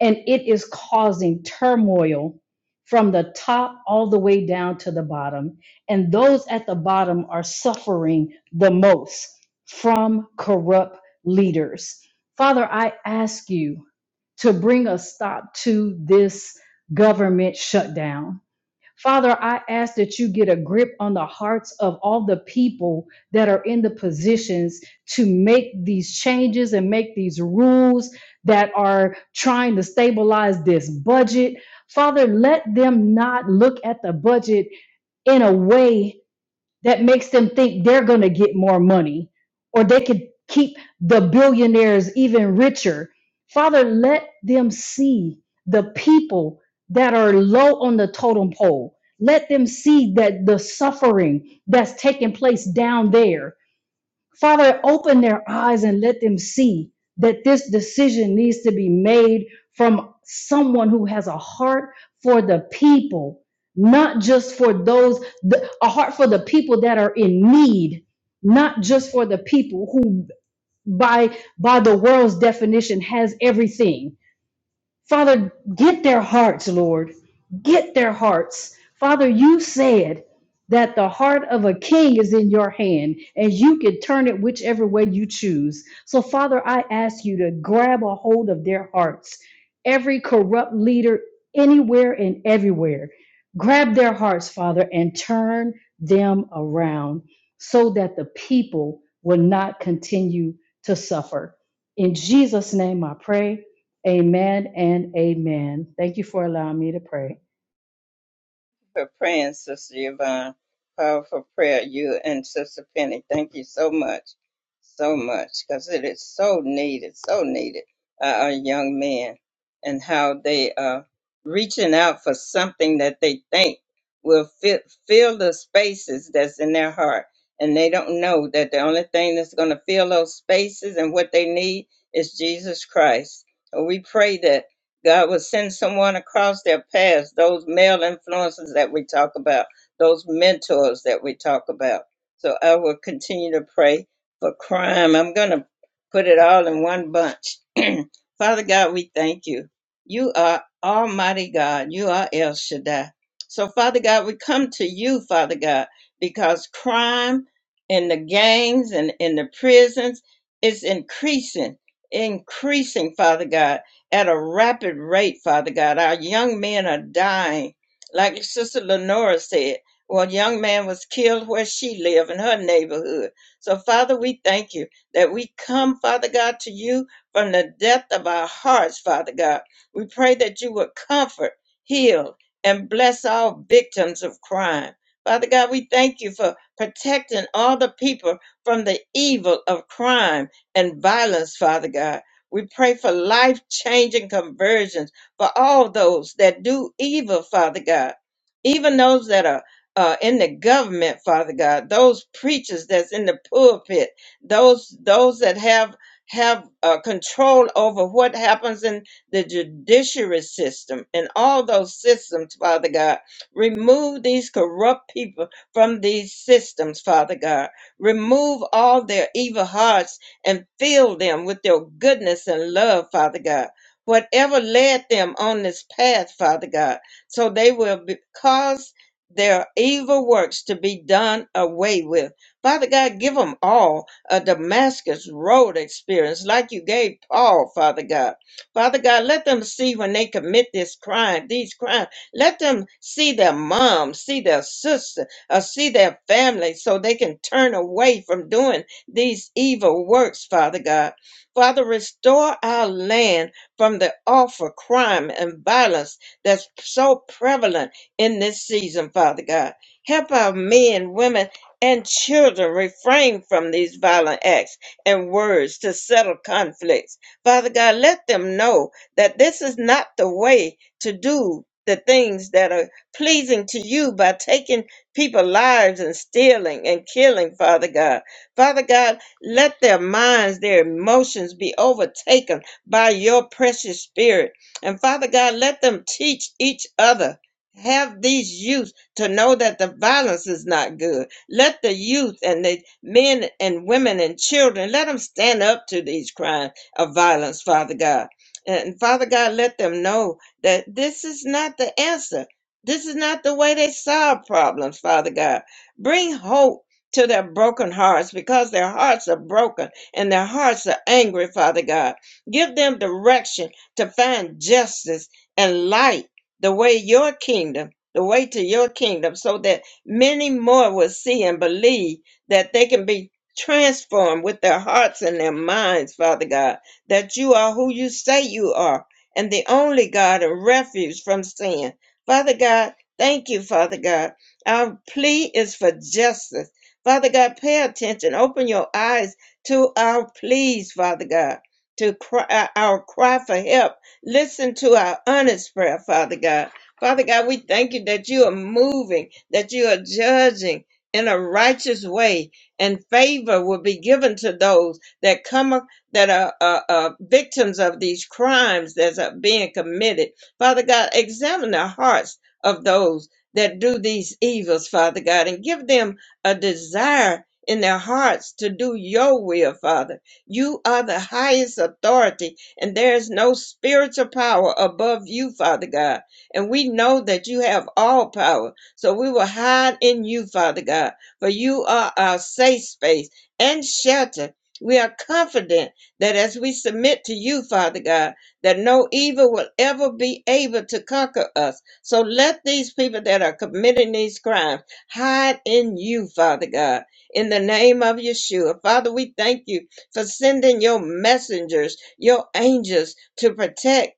Speaker 6: and it is causing turmoil from the top all the way down to the bottom. And those at the bottom are suffering the most from corrupt leaders. Father, I ask you to bring a stop to this government shutdown Father, I ask that you get a grip on the hearts of all the people that are in the positions to make these changes and make these rules that are trying to stabilize this budget. Father, let them not look at the budget in a way that makes them think they're going to get more money or they could keep the billionaires even richer. Father, let them see the people that are low on the totem pole. Let them see that the suffering that's taking place down there Father, open their eyes and let them see that this decision needs to be made from someone who has a heart for the people, not just for those, a heart for the people that are in need, not just for the people who by by the world's definition has everything Father, get their hearts, Lord. Get their hearts. Father, you said that the heart of a king is in your hand and you can turn it whichever way you choose. So, Father, I ask you to grab a hold of their hearts. Every corrupt leader, anywhere and everywhere, grab their hearts, Father, and turn them around so that the people will not continue to suffer. In Jesus' name I pray. Amen and amen. Thank you for allowing me to pray.
Speaker 1: for praying, Sister Yvonne. Powerful prayer, you and Sister Penny. Thank you so much, so much, because it is so needed, so needed. Uh, our young men and how they are reaching out for something that they think will fit, fill the spaces that's in their heart. And they don't know that the only thing that's going to fill those spaces and what they need is Jesus Christ. So we pray that. God will send someone across their path, those male influences that we talk about, those mentors that we talk about. So I will continue to pray for crime. I'm going to put it all in one bunch. Father God, we thank you. You are Almighty God. You are El Shaddai. So, Father God, we come to you, Father God, because crime in the gangs and in the prisons is increasing, increasing, Father God at a rapid rate, Father God. Our young men are dying. Like Sister Lenora said, one young man was killed where she lived in her neighborhood. So, Father, we thank you that we come, Father God, to you from the depth of our hearts, Father God. We pray that you would comfort, heal, and bless all victims of crime. Father God, we thank you for protecting all the people from the evil of crime and violence, Father God. We pray for life changing conversions for all those that do evil, Father God, even those that are uh, in the government, Father God, those preachers that's in the pulpit, those those that have have uh, control over what happens in the judiciary system and all those systems, Father God. Remove these corrupt people from these systems, Father God. Remove all their evil hearts and fill them with your goodness and love, Father God. Whatever led them on this path, Father God, so they will be, cause their evil works to be done away with. Father God, give them all a Damascus Road experience like you gave Paul, Father God. Father God, let them see when they commit this crime, these crimes, let them see their mom, see their sister, or see their family so they can turn away from doing these evil works, Father God. Father, restore our land from the awful crime and violence that's so prevalent in this season, Father God. Help our men, women, and children refrain from these violent acts and words to settle conflicts. Father God, let them know that this is not the way to do the things that are pleasing to you by taking people's lives and stealing and killing, Father God. Father God, let their minds, their emotions be overtaken by your precious spirit. And Father God, let them teach each other. Have these youth to know that the violence is not good. Let the youth and the men and women and children, let them stand up to these crimes of violence, Father God. And Father God, let them know that this is not the answer. This is not the way they solve problems, Father God. Bring hope to their broken hearts because their hearts are broken and their hearts are angry, Father God. Give them direction to find justice and light the way your kingdom, the way to your kingdom, so that many more will see and believe that they can be transformed with their hearts and their minds, Father God, that you are who you say you are and the only God and refuge from sin. Father God, thank you, Father God. Our plea is for justice Father God, pay attention. Open your eyes to our pleas, Father God, to cry, uh, our cry for help. Listen to our honest prayer, Father God. Father God, we thank you that you are moving, that you are judging in a righteous way, and favor will be given to those that come up, that are uh, uh, victims of these crimes that are being committed. Father God, examine the hearts of those that do these evils, Father God, and give them a desire in their hearts to do your will, Father. You are the highest authority, and there is no spiritual power above you, Father God. And we know that you have all power, so we will hide in you, Father God, for you are our safe space and shelter. We are confident that as we submit to you, Father God, that no evil will ever be able to conquer us. So let these people that are committing these crimes hide in you, Father God, in the name of Yeshua. Father, we thank you for sending your messengers, your angels to protect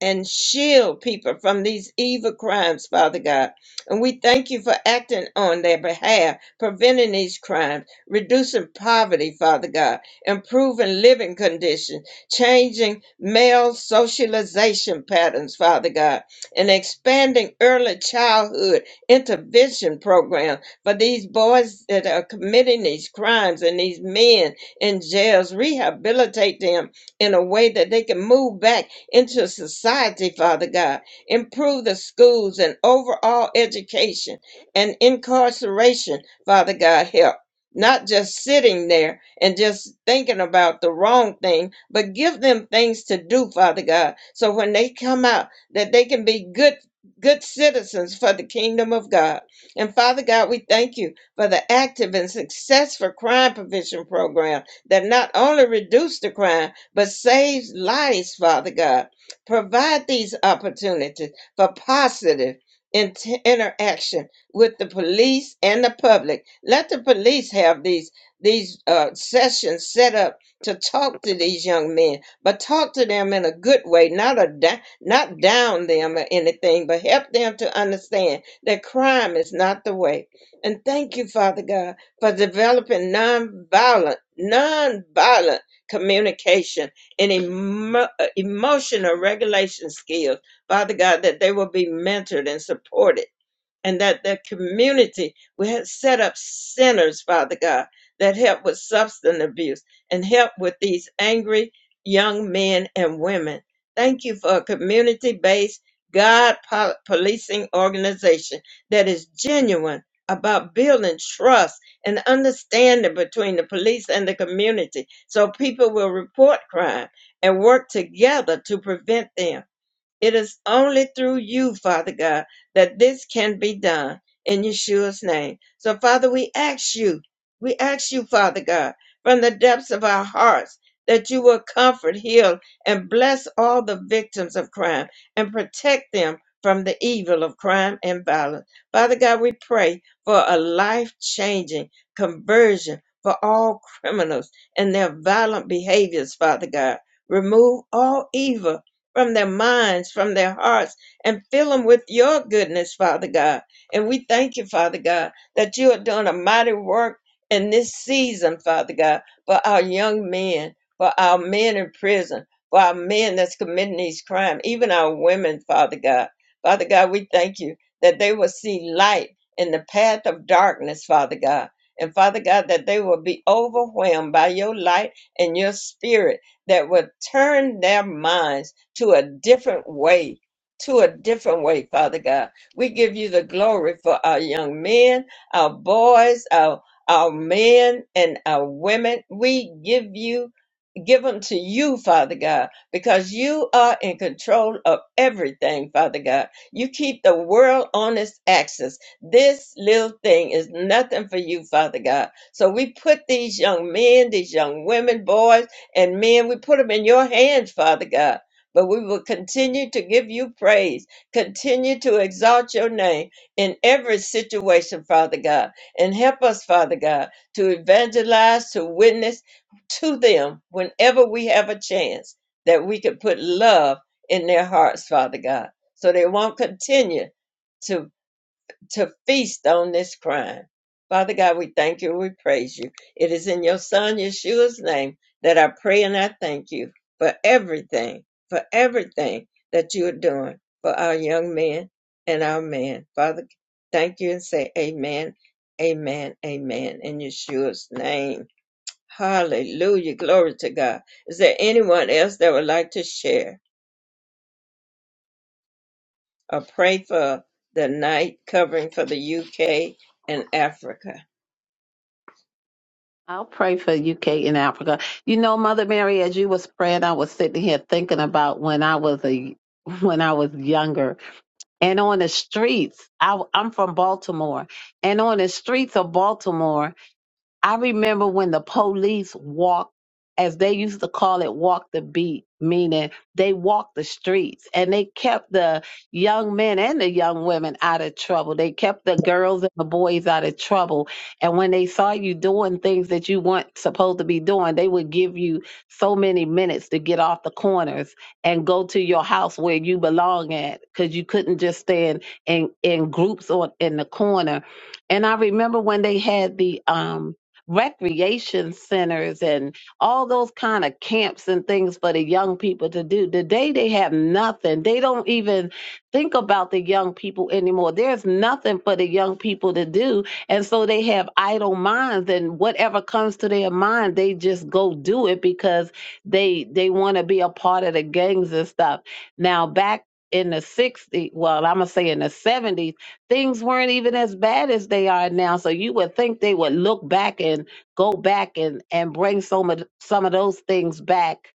Speaker 1: and shield people from these evil crimes, Father God. And we thank you for acting on their behalf, preventing these crimes, reducing poverty, Father God, improving living conditions, changing male socialization patterns, Father God, and expanding early childhood intervention program for these boys that are committing these crimes and these men in jails, rehabilitate them in a way that they can move back into society, Father God, improve the schools and overall education and incarceration, Father God, help. Not just sitting there and just thinking about the wrong thing, but give them things to do, Father God, so when they come out, that they can be good good citizens for the kingdom of God. And Father God, we thank you for the active and successful crime prevention program that not only reduces the crime, but saves lives, Father God. Provide these opportunities for positive int- interaction with the police and the public. Let the police have these these uh, sessions set up to talk to these young men, but talk to them in a good way, not a not down them or anything, but help them to understand that crime is not the way. And thank you, Father God, for developing nonviolent, nonviolent communication and emo- uh, emotional regulation skills, Father God, that they will be mentored and supported and that the community we had set up centers, Father God, that help with substance abuse and help with these angry young men and women. Thank you for a community based God po- policing organization that is genuine about building trust and understanding between the police and the community so people will report crime and work together to prevent them. It is only through you, Father God, that this can be done in Yeshua's name. So, Father, we ask you, we ask you, Father God, from the depths of our hearts, that you will comfort, heal, and bless all the victims of crime and protect them from the evil of crime and violence. Father God, we pray for a life changing conversion for all criminals and their violent behaviors, Father God. Remove all evil from their minds, from their hearts, and fill them with your goodness, Father God. And we thank you, Father God, that you are doing a mighty work in this season, Father God, for our young men, for our men in prison, for our men that's committing these crimes, even our women, Father God. Father God, we thank you that they will see light in the path of darkness, Father God. And Father God, that they will be overwhelmed by your light and your spirit that will turn their minds to a different way, to a different way, Father God. We give you the glory for our young men, our boys, our our men and our women. We give you give them to you, Father God, because you are in control of everything, Father God. You keep the world on its axis. This little thing is nothing for you, Father God. So we put these young men, these young women, boys, and men, we put them in your hands, Father God. But we will continue to give you praise, continue to exalt your name in every situation, Father God. And help us, Father God, to evangelize, to witness, to them whenever we have a chance that we could put love in their hearts, Father God, so they won't continue to to feast on this crime. Father God, we thank you, we praise you. It is in your son Yeshua's name that I pray and I thank you for everything, for everything that you are doing for our young men and our men. Father, thank you and say amen, amen, amen in Yeshua's name. Hallelujah. Glory to God. Is there anyone else that would like to share or pray for the night covering for the UK and Africa?
Speaker 5: I'll pray for UK and Africa. You know, Mother Mary, as you was praying, I was sitting here thinking about when I was a when I was younger and on the streets. I, I'm from Baltimore, and on the streets of Baltimore. I remember when the police walked, as they used to call it, walk the beat, meaning they walked the streets and they kept the young men and the young women out of trouble. They kept the girls and the boys out of trouble. And when they saw you doing things that you weren't supposed to be doing, they would give you so many minutes to get off the corners and go to your house where you belong at because you couldn't just stand in, in groups or in the corner. And I remember when they had the, um, recreation centers and all those kind of camps and things for the young people to do. Today they have nothing. They don't even think about the young people anymore. There's nothing for the young people to do. And so they have idle minds and whatever comes to their mind, they just go do it because they they want to be a part of the gangs and stuff. Now back in the 60s, well, I'm gonna say in the 70s things weren't even as bad as they are now. So you would think they would look back and go back and, and bring some of some of those things back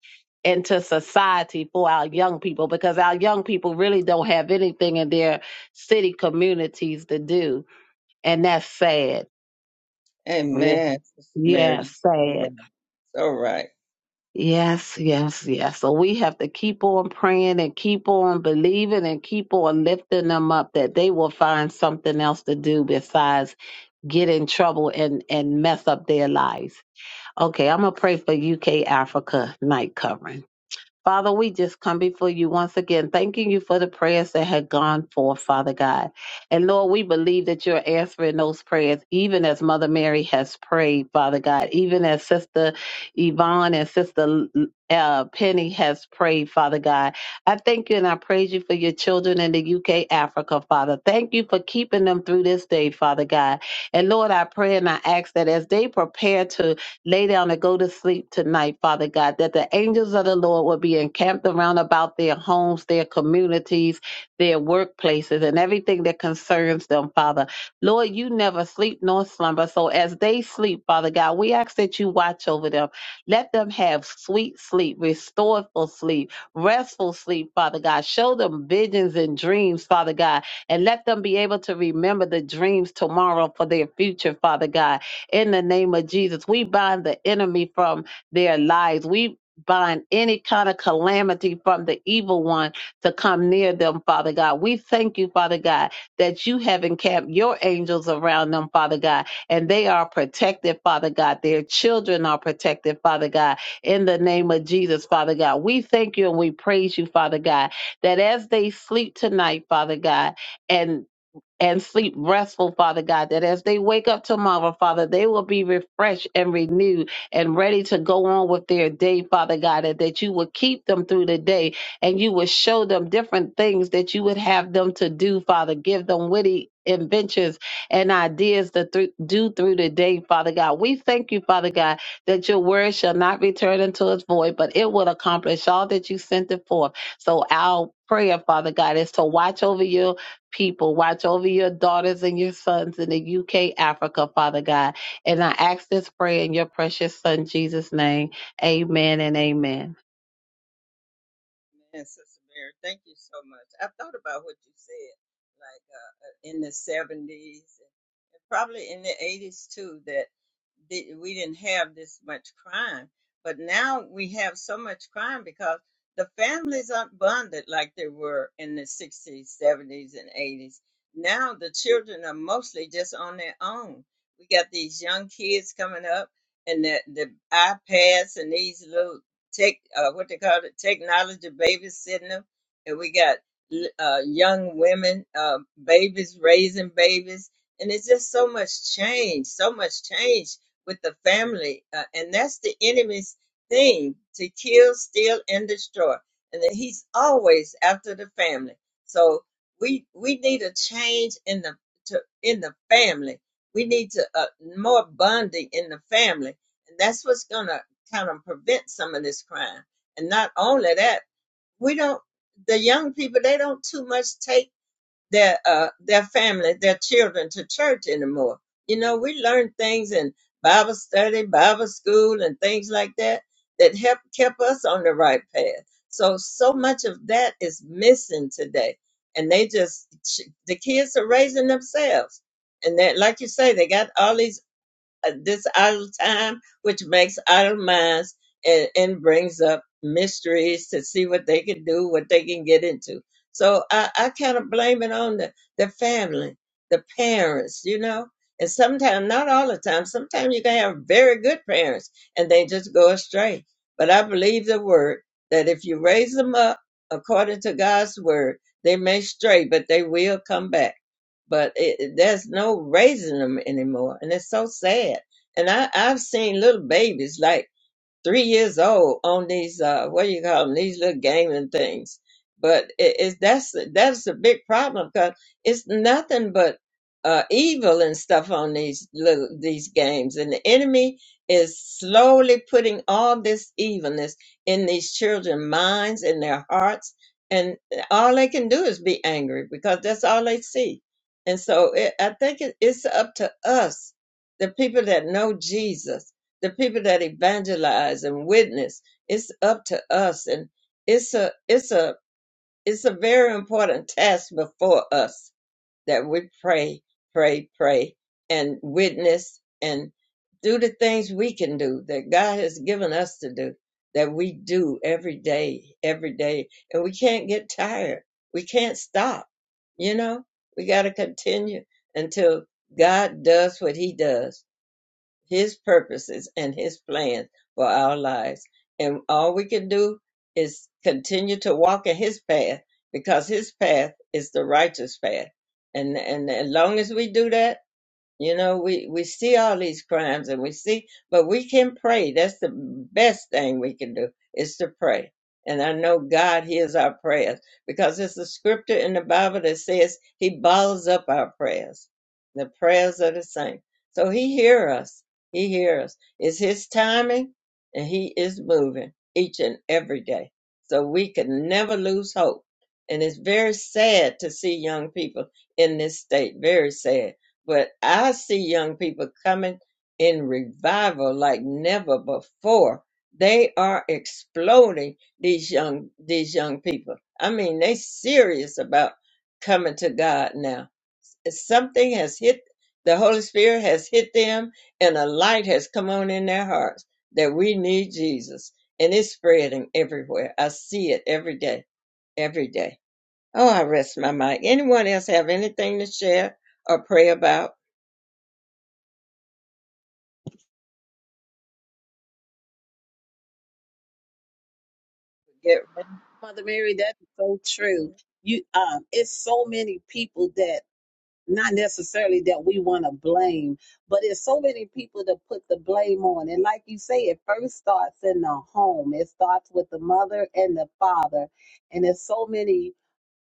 Speaker 5: into society for our young people because our young people really don't have anything in their city communities to do. And that's sad. Yeah,
Speaker 1: Amen, Sister Mary.
Speaker 5: yeah,
Speaker 1: All
Speaker 5: sad.
Speaker 1: right. All right.
Speaker 5: Yes, yes, yes. So we have to keep on praying and keep on believing and keep on lifting them up that they will find something else to do besides get in trouble and and mess up their lives. Okay, I'm gonna pray for UK Africa night covering. Father, we just come before you once again, thanking you for the prayers that had gone forth, Father God. And Lord, we believe that you're answering those prayers, even as Mother Mary has prayed, Father God, even as Sister Yvonne and Sister uh, Penny has prayed, Father God. I thank you and I praise you for your children in the UK, Africa, Father. Thank you for keeping them through this day, Father God. And Lord, I pray and I ask that as they prepare to lay down and go to sleep tonight, Father God, that the angels of the Lord will be encamped around about their homes, their communities, their workplaces, and everything that concerns them, Father. Lord, you never sleep nor slumber. So as they sleep, Father God, we ask that you watch over them. Let them have sweet sleep, restorful sleep, restful sleep, Father God. Show them visions and dreams, Father God, and let them be able to remember the dreams tomorrow for their future, Father God in the name of Jesus. We bind the enemy from their lives. We bind any kind of calamity from the evil one to come near them, Father God. We thank you, Father God, that you have encamped your angels around them, Father God, and they are protected, Father God. Their children are protected, Father God, in the name of Jesus, Father God. We thank you and we praise you, Father God, that as they sleep tonight, Father God, and and sleep restful, Father God, that as they wake up tomorrow, Father, they will be refreshed and renewed and ready to go on with their day, Father God, and that you will keep them through the day and you will show them different things that you would have them to do, Father. Give them witty inventions and ideas to thro- do through the day, Father God. We thank you, Father God, that your word shall not return unto its void, but it will accomplish all that you sent it for. So our prayer, Father God, is to watch over you people. Watch over your daughters and your sons in the UK, Africa, Father God. And I ask this prayer in your precious Son, Jesus' name. Amen and amen.
Speaker 1: Amen, Sister Mary. Thank you so much. I thought about what you said. in the 70s, probably in the 80s too, that di- we didn't have this much crime. But now we have so much crime because the families aren't bonded like they were in the 60s, 70s, and 80s. Now the children are mostly just on their own. We got these young kids coming up and the, the iPads and these little tech, uh, what they call it, technology babies sitting them. And we got uh, young women, uh, babies, raising babies. And it's just so much change, so much change with the family. Uh, and that's the enemy's thing to kill, steal, and destroy. And that he's always after the family. So we we need a change in the to, in the family. We need to uh, more bonding in the family, and that's what's gonna kind of prevent some of this crime. And not only that, we don't the young people they don't too much take their uh their family their children to church anymore you know we learned things in bible study bible school and things like that that help kept us on the right path so so much of that is missing today and they just the kids are raising themselves and that like you say they got all these uh, this idle time, which makes idle minds and, and brings up mysteries to see what they can do, what they can get into. So I, I kind of blame it on the, the family, the parents, you know. And sometimes, not all the time, sometimes you can have very good parents and they just go astray. But I believe the word that if you raise them up according to God's word, they may stray, but they will come back but it, there's no raising them anymore, and it's so sad. And I I've seen little babies like three years old on these uh what do you call them these little gaming things but it's that's that's a big problem because it's nothing but uh evil and stuff on these little these games and the enemy is slowly putting all this evilness in these children's minds in their hearts and all they can do is be angry because that's all they see and so it, i think it, it's up to us the people that know jesus the people that evangelize and witness it's up to us and it's a it's a it's a very important task before us that we pray pray pray and witness and do the things we can do that god has given us to do that we do every day every day and we can't get tired we can't stop you know we got to continue until god does what he does his purposes and his plans for our lives. And all we can do is continue to walk in his path because his path is the righteous path. And, and as long as we do that, you know, we, we see all these crimes and we see, but we can pray. That's the best thing we can do is to pray. And I know God hears our prayers because it's a scripture in the Bible that says he balls up our prayers, the prayers of the saints. So he hears us. He hears us. It's his timing and he is moving each and every day. So we can never lose hope. And it's very sad to see young people in this state. Very sad but I see young people coming in revival like never before. They are exploding these young these young people. I mean, they serious about coming to God now. Something has hit the Holy Spirit has hit them, and a light has come on in their hearts that we need Jesus, and it's spreading everywhere. I see it every day, every day. Oh, I rest my mind. Anyone else have anything to share or pray about? Get
Speaker 5: Mother Mary, that is so true.
Speaker 1: Mhm.
Speaker 5: You, um, it's so many people that not necessarily that we want to blame, but it's so many people to put the blame on. And like you say, it first starts in the home. It starts with the mother and the father. And there's so many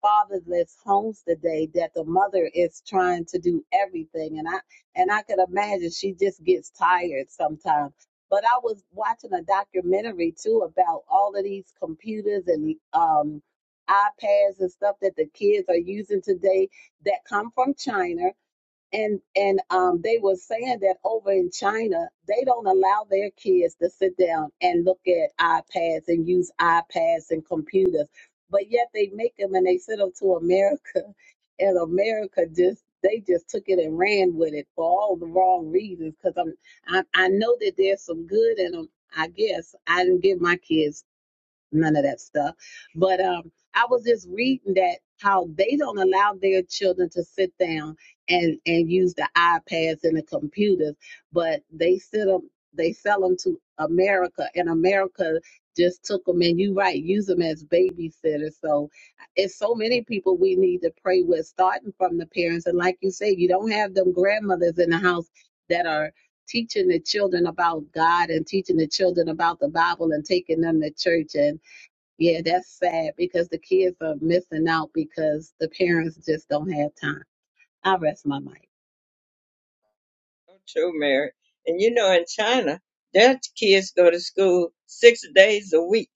Speaker 5: fatherless homes today that the mother is trying to do everything. And I and I could imagine she just gets tired sometimes. But I was watching a documentary too about all of these computers and um iPads and stuff that the kids are using today that come from China, and and um, they were saying that over in China they don't allow their kids to sit down and look at iPads and use iPads and computers, but yet they make them and they send them to America, and America just they just took it and ran with it for all the wrong reasons. Because I'm I, I know that there's some good in them. I guess I didn't give my kids none of that stuff. But um, I was just reading that how they don't allow their children to sit down and and use the iPads and the computers, but they sit them they sell them to America, and America just took them and you right use them as babysitters. So it's so many people we need to pray with, starting from the parents. And like you say, you don't have them grandmothers in the house that are teaching the children about God and teaching the children about the Bible and taking them to church and. Yeah, that's sad because the kids are missing out because the parents just don't have time. I rest my mic.
Speaker 1: So true, Mary. And you know, in China, their kids go to school six days a week.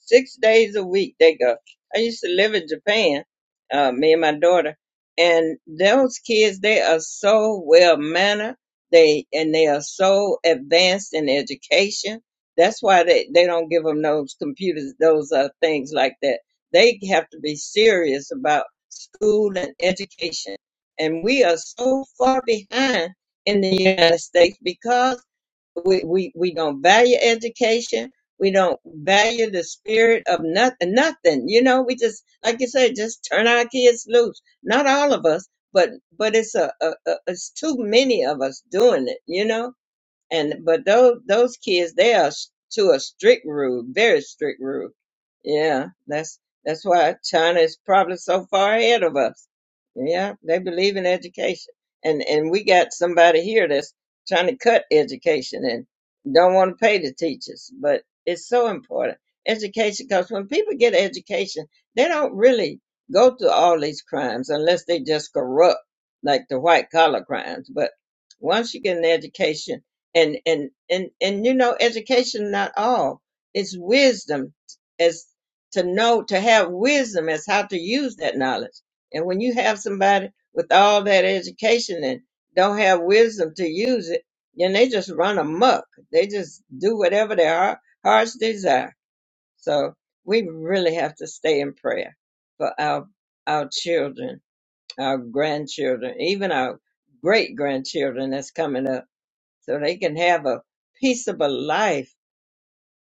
Speaker 1: Six days a week they go. I used to live in Japan, uh, me and my daughter, and those kids they are so well mannered. They and they are so advanced in education. That's why they they don't give them those computers, those uh, things like that. They have to be serious about school and education, and we are so far behind in the United States because we, we, we don't value education. We don't value the spirit of nothing, nothing. You know, we just, like you said, just turn our kids loose. Not all of us, but, but it's a, a, a it's too many of us doing it, you know? and but those those kids they are s- to a strict rule very strict rule yeah that's that's why china is probably so far ahead of us yeah they believe in education and and we got somebody here that's trying to cut education and don't want to pay the teachers but it's so important education because when people get education they don't really go through all these crimes unless they just corrupt like the white collar crimes but once you get an education and and and and you know education not all it's wisdom as to know to have wisdom as how to use that knowledge and when you have somebody with all that education and don't have wisdom to use it then they just run amok they just do whatever their heart, hearts desire so we really have to stay in prayer for our our children our grandchildren even our great grandchildren that's coming up so they can have a peaceable life.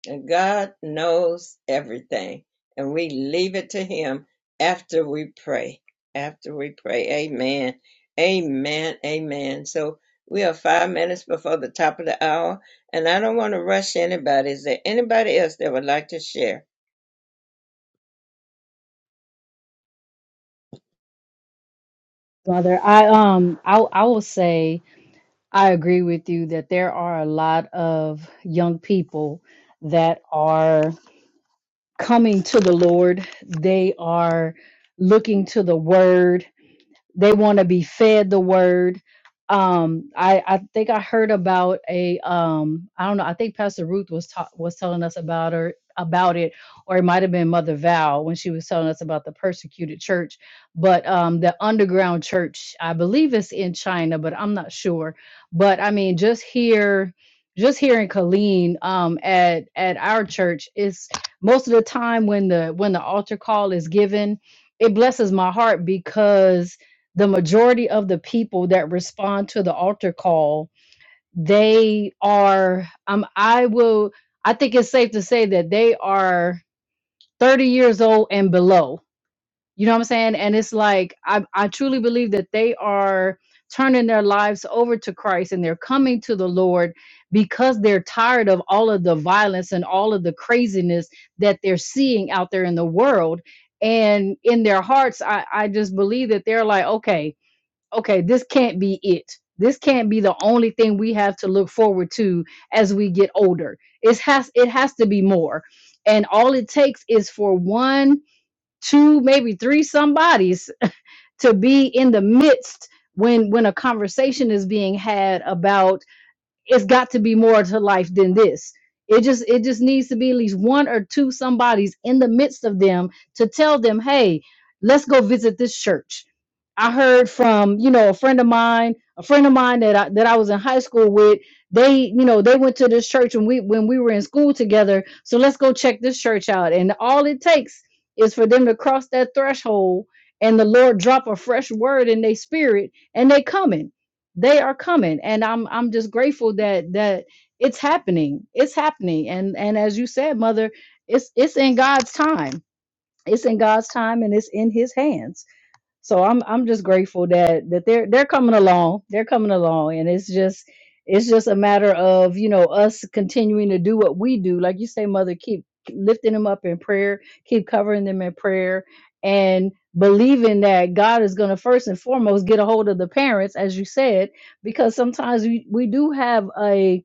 Speaker 1: And God knows everything. And we leave it to Him after we pray. After we pray. Amen. Amen. Amen. So we are five minutes before the top of the hour. And I don't want to rush anybody. Is there anybody else that would like to share?
Speaker 6: Mother, I um I I will say I agree with you that there are a lot of young people that are coming to the Lord. They are looking to the word they want to be fed the word um i i think i heard about a um i don't know i think pastor ruth was ta- was telling us about her about it or it might have been mother val when she was telling us about the persecuted church but um the underground church i believe it's in china but i'm not sure but i mean just here just here in Colleen, um, at at our church, is most of the time when the when the altar call is given, it blesses my heart because the majority of the people that respond to the altar call they are um i will i think it's safe to say that they are 30 years old and below you know what i'm saying and it's like i i truly believe that they are turning their lives over to christ and they're coming to the lord because they're tired of all of the violence and all of the craziness that they're seeing out there in the world and in their hearts i i just believe that they're like okay okay, this can't be it. This can't be the only thing we have to look forward to as we get older. It has it has to be more. And all it takes is for one, two, maybe three somebodies to be in the midst when when a conversation is being had about it's got to be more to life than this it just it just needs to be at least one or two somebodies in the midst of them to tell them hey let's go visit this church i heard from you know a friend of mine a friend of mine that I, that I was in high school with they you know they went to this church when we when we were in school together so let's go check this church out and all it takes is for them to cross that threshold and the lord drop a fresh word in their spirit and they coming they are coming and i'm i'm just grateful that that it's happening it's happening and and as you said mother it's it's in god's time it's in god's time and it's in his hands so I'm I'm just grateful that that they're they're coming along. They're coming along and it's just it's just a matter of, you know, us continuing to do what we do. Like you say, mother, keep lifting them up in prayer, keep covering them in prayer and believing that God is going to first and foremost get a hold of the parents as you said because sometimes we we do have a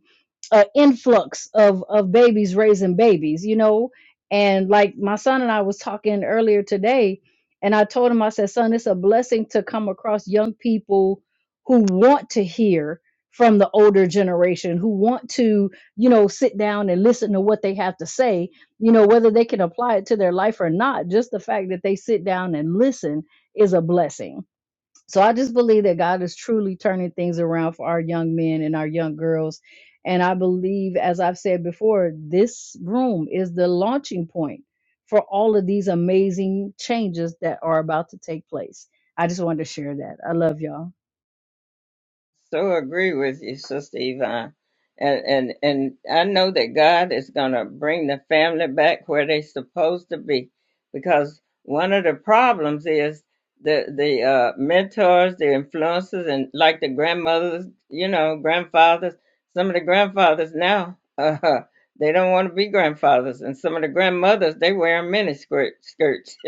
Speaker 6: uh, influx of of babies raising babies you know and like my son and i was talking earlier today and i told him i said son it's a blessing to come across young people who want to hear from the older generation who want to you know sit down and listen to what they have to say you know whether they can apply it to their life or not just the fact that they sit down and listen is a blessing so I just believe that God is truly turning things around for our young men and our young girls. And I believe, as I've said before, this room is the launching point for all of these amazing changes that are about to take place. I just wanted to share that. I love y'all.
Speaker 1: So agree with you, Sister Yvonne. And and and I know that God is gonna bring the family back where they're supposed to be. Because one of the problems is the the uh, mentors, the influences and like the grandmothers, you know, grandfathers, some of the grandfathers now, uh, they don't want to be grandfathers. And some of the grandmothers, they wear mini skirt, skirts.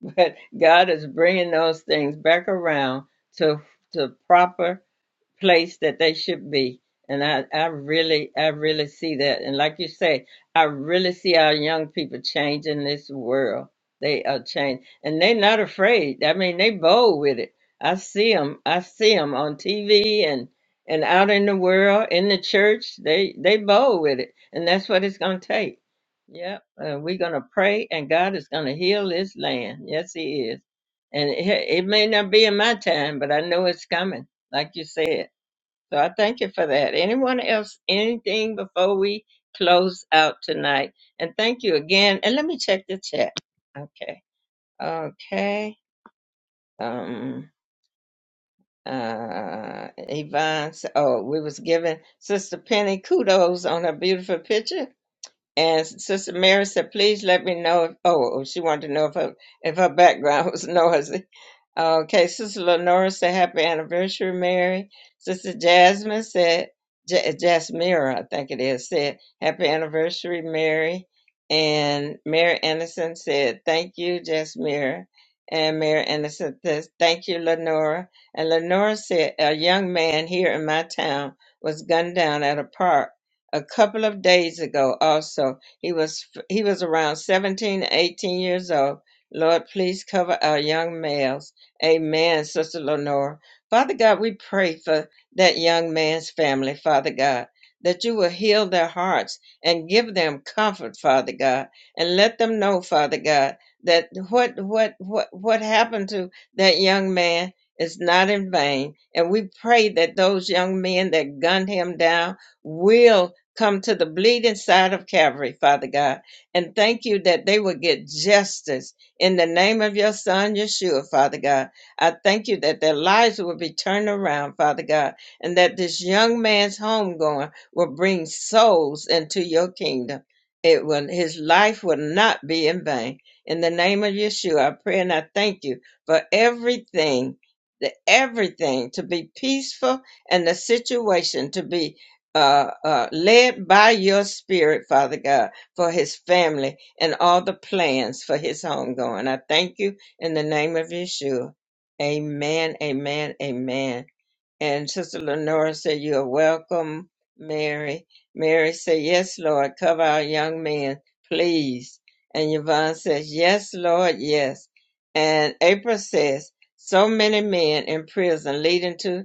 Speaker 1: but God is bringing those things back around to to proper place that they should be. And I, I really, I really see that. And like you say, I really see our young people changing this world. They are changed, and they're not afraid. I mean, they bold with it. I see them. I see them on TV and and out in the world, in the church. They they bold with it, and that's what it's gonna take. Yep. Uh, we're gonna pray, and God is gonna heal this land. Yes, He is. And it, it may not be in my time, but I know it's coming. Like you said. So I thank you for that. Anyone else, anything before we close out tonight? And thank you again. And let me check the chat. Okay. Okay. Um uh Yvonne s- oh, we was giving Sister Penny kudos on her beautiful picture. And Sister Mary said, "Please let me know if oh, oh, she wanted to know if her if her background was noisy." Okay, Sister Lenora said, "Happy anniversary, Mary." Sister Jasmine said, J- "Jasmira, I think it is," said, "Happy anniversary, Mary." And Mary Anderson said, "Thank you, Jasmira." And Mary Anderson says, "Thank you, Lenora." And Lenora said, "A young man here in my town was gunned down at a park." a couple of days ago also he was he was around 17, 18 years old lord please cover our young males amen sister lenora father god we pray for that young man's family father god that you will heal their hearts and give them comfort father god and let them know father god that what what what what happened to that young man is not in vain and we pray that those young men that gunned him down will come to the bleeding side of Calvary, Father God. And thank you that they will get justice in the name of your son, Yeshua, Father God. I thank you that their lives will be turned around, Father God, and that this young man's homegoing will bring souls into your kingdom. It will, his life will not be in vain. In the name of Yeshua, I pray and I thank you for everything, the everything to be peaceful and the situation to be uh, uh, led by your spirit, Father God, for his family and all the plans for his homegoing. I thank you in the name of Yeshua. Amen, amen, amen. And Sister Lenora said, You are welcome, Mary. Mary said, Yes, Lord, cover our young man, please. And Yvonne says, Yes, Lord, yes. And April says, So many men in prison leading to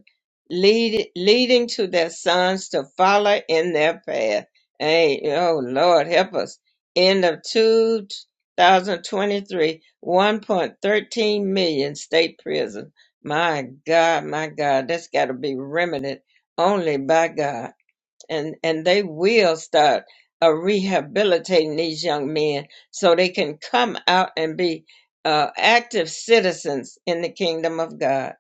Speaker 1: lead, leading to their sons to follow in their path. Hey, oh Lord, help us. End of 2023, 1.13 million state prison. My God, my God, that's got to be remedied only by God and and they will start uh, rehabilitating these young men so they can come out and be uh, active citizens in the kingdom of God.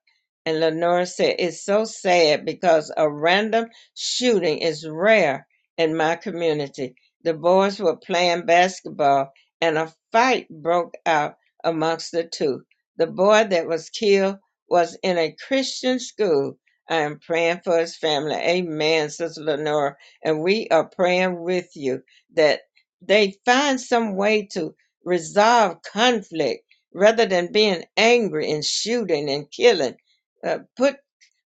Speaker 1: And Lenora said, "It's so sad because a random shooting is rare in my community. The boys were playing basketball, and a fight broke out amongst the two. The boy that was killed was in a Christian school, I am praying for his family. Amen, Sister Lenora. And we are praying with you that they find some way to resolve conflict rather than being angry and shooting and killing. Uh, Put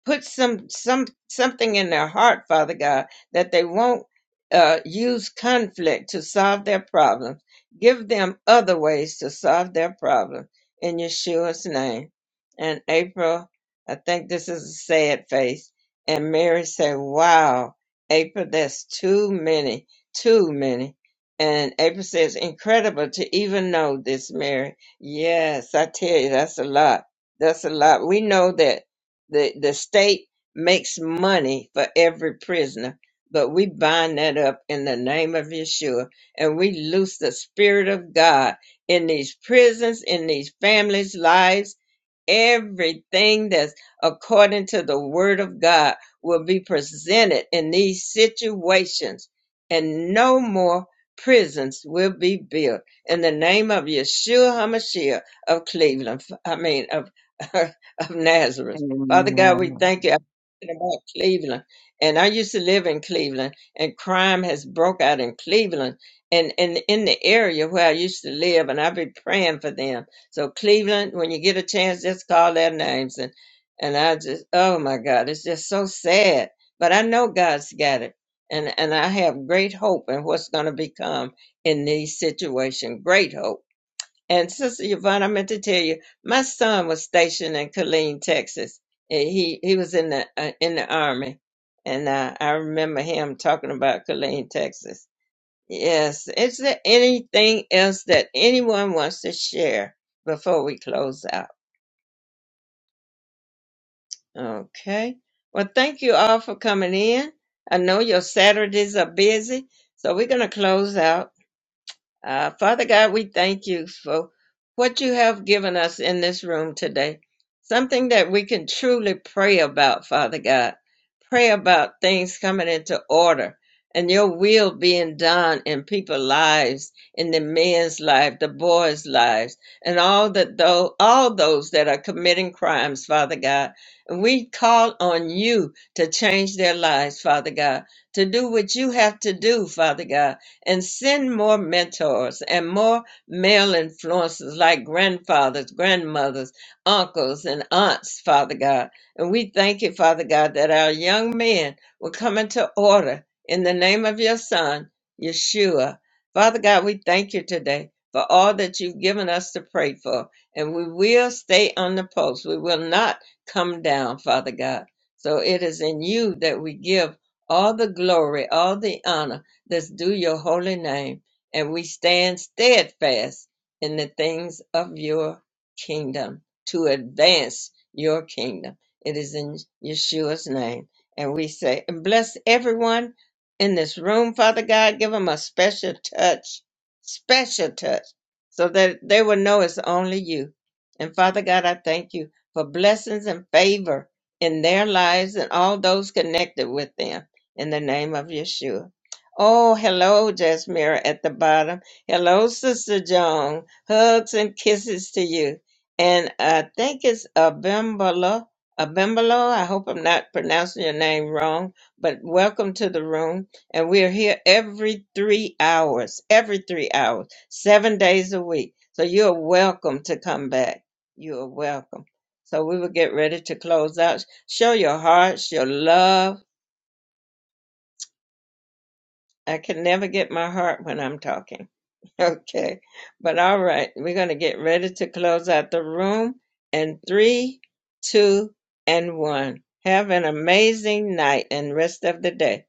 Speaker 1: put some some something in their heart, Father God, that they won't uh, use conflict to solve their problems. Give them other ways to solve their problem in Yeshua's name. And April, I think this is a sad face. And Mary said, "Wow, April, that's too many, too many." And April says, "Incredible to even know this, Mary." Yes, I tell you, that's a lot. That's a lot. We know that the the state makes money for every prisoner but we bind that up in the name of yeshua and we loose the spirit of god in these prisons in these families lives everything that's according to the word of god will be presented in these situations and no more prisons will be built in the name of yeshua hamashiach of cleveland i mean of of nazareth Father God, we
Speaker 7: Amen.
Speaker 1: thank you. I'm thinking about Cleveland, and I used to live in Cleveland, and crime has broke out in Cleveland, and and in the area where I used to live, and I've been praying for them. So Cleveland, when you get a chance, just call their names, and and I just, oh my God, it's just so sad. But I know God's got it, and and I have great hope in what's going to become in these situations. Great hope and Sister Yvonne, I meant to tell you, my son was stationed in Killeen, Texas. And He he was in the uh, in the army, and uh, I remember him talking about Killeen, Texas. Yes, is there anything else that anyone wants to share before we close out? Okay. Well, thank you all for coming in. I know your Saturdays are busy, so we're gonna close out. Uh, Father God, we thank you for what you have given us in this room today. Something that we can truly pray about, Father God. Pray about things coming into order and your will being done in people's lives, in the men's life, the boys' lives, and all that though all those that are committing crimes, Father God. And we call on you to change their lives, Father God, to do what you have to do, Father God and send more mentors and more male influences like grandfathers, grandmothers, uncles, and aunts, Father God. And we thank you, Father God, that our young men will come into order in the name of your Son, Yeshua. Father God, we thank you today for all that you've given us to pray for. And we will stay on the post. We will not come down, Father God. So it is in you that we give all the glory, all the honor Let's do your holy name. And we stand steadfast in the things of your kingdom to advance your kingdom. It is in Yeshua's name. And we say, and bless everyone in this room, Father God. Give them a special touch, special touch, so that they will know it's only you. And Father God, I thank you for blessings and favor in their lives and all those connected with them in the name of Yeshua. Oh, hello, Jasmira at the bottom. Hello, Sister Joan. Hugs and kisses to you. And I think it's Abimbalo. Abimbalo, I hope I'm not pronouncing your name wrong, but welcome to the room. And we are here every three hours, every three hours, seven days a week. So you're welcome to come back. You are welcome. So we will get ready to close out. Show your hearts, your love. I can never get my heart when I'm talking Okay, but all right, we're going to get ready to close out the room in three, two, and one. Have an amazing night and rest of the day.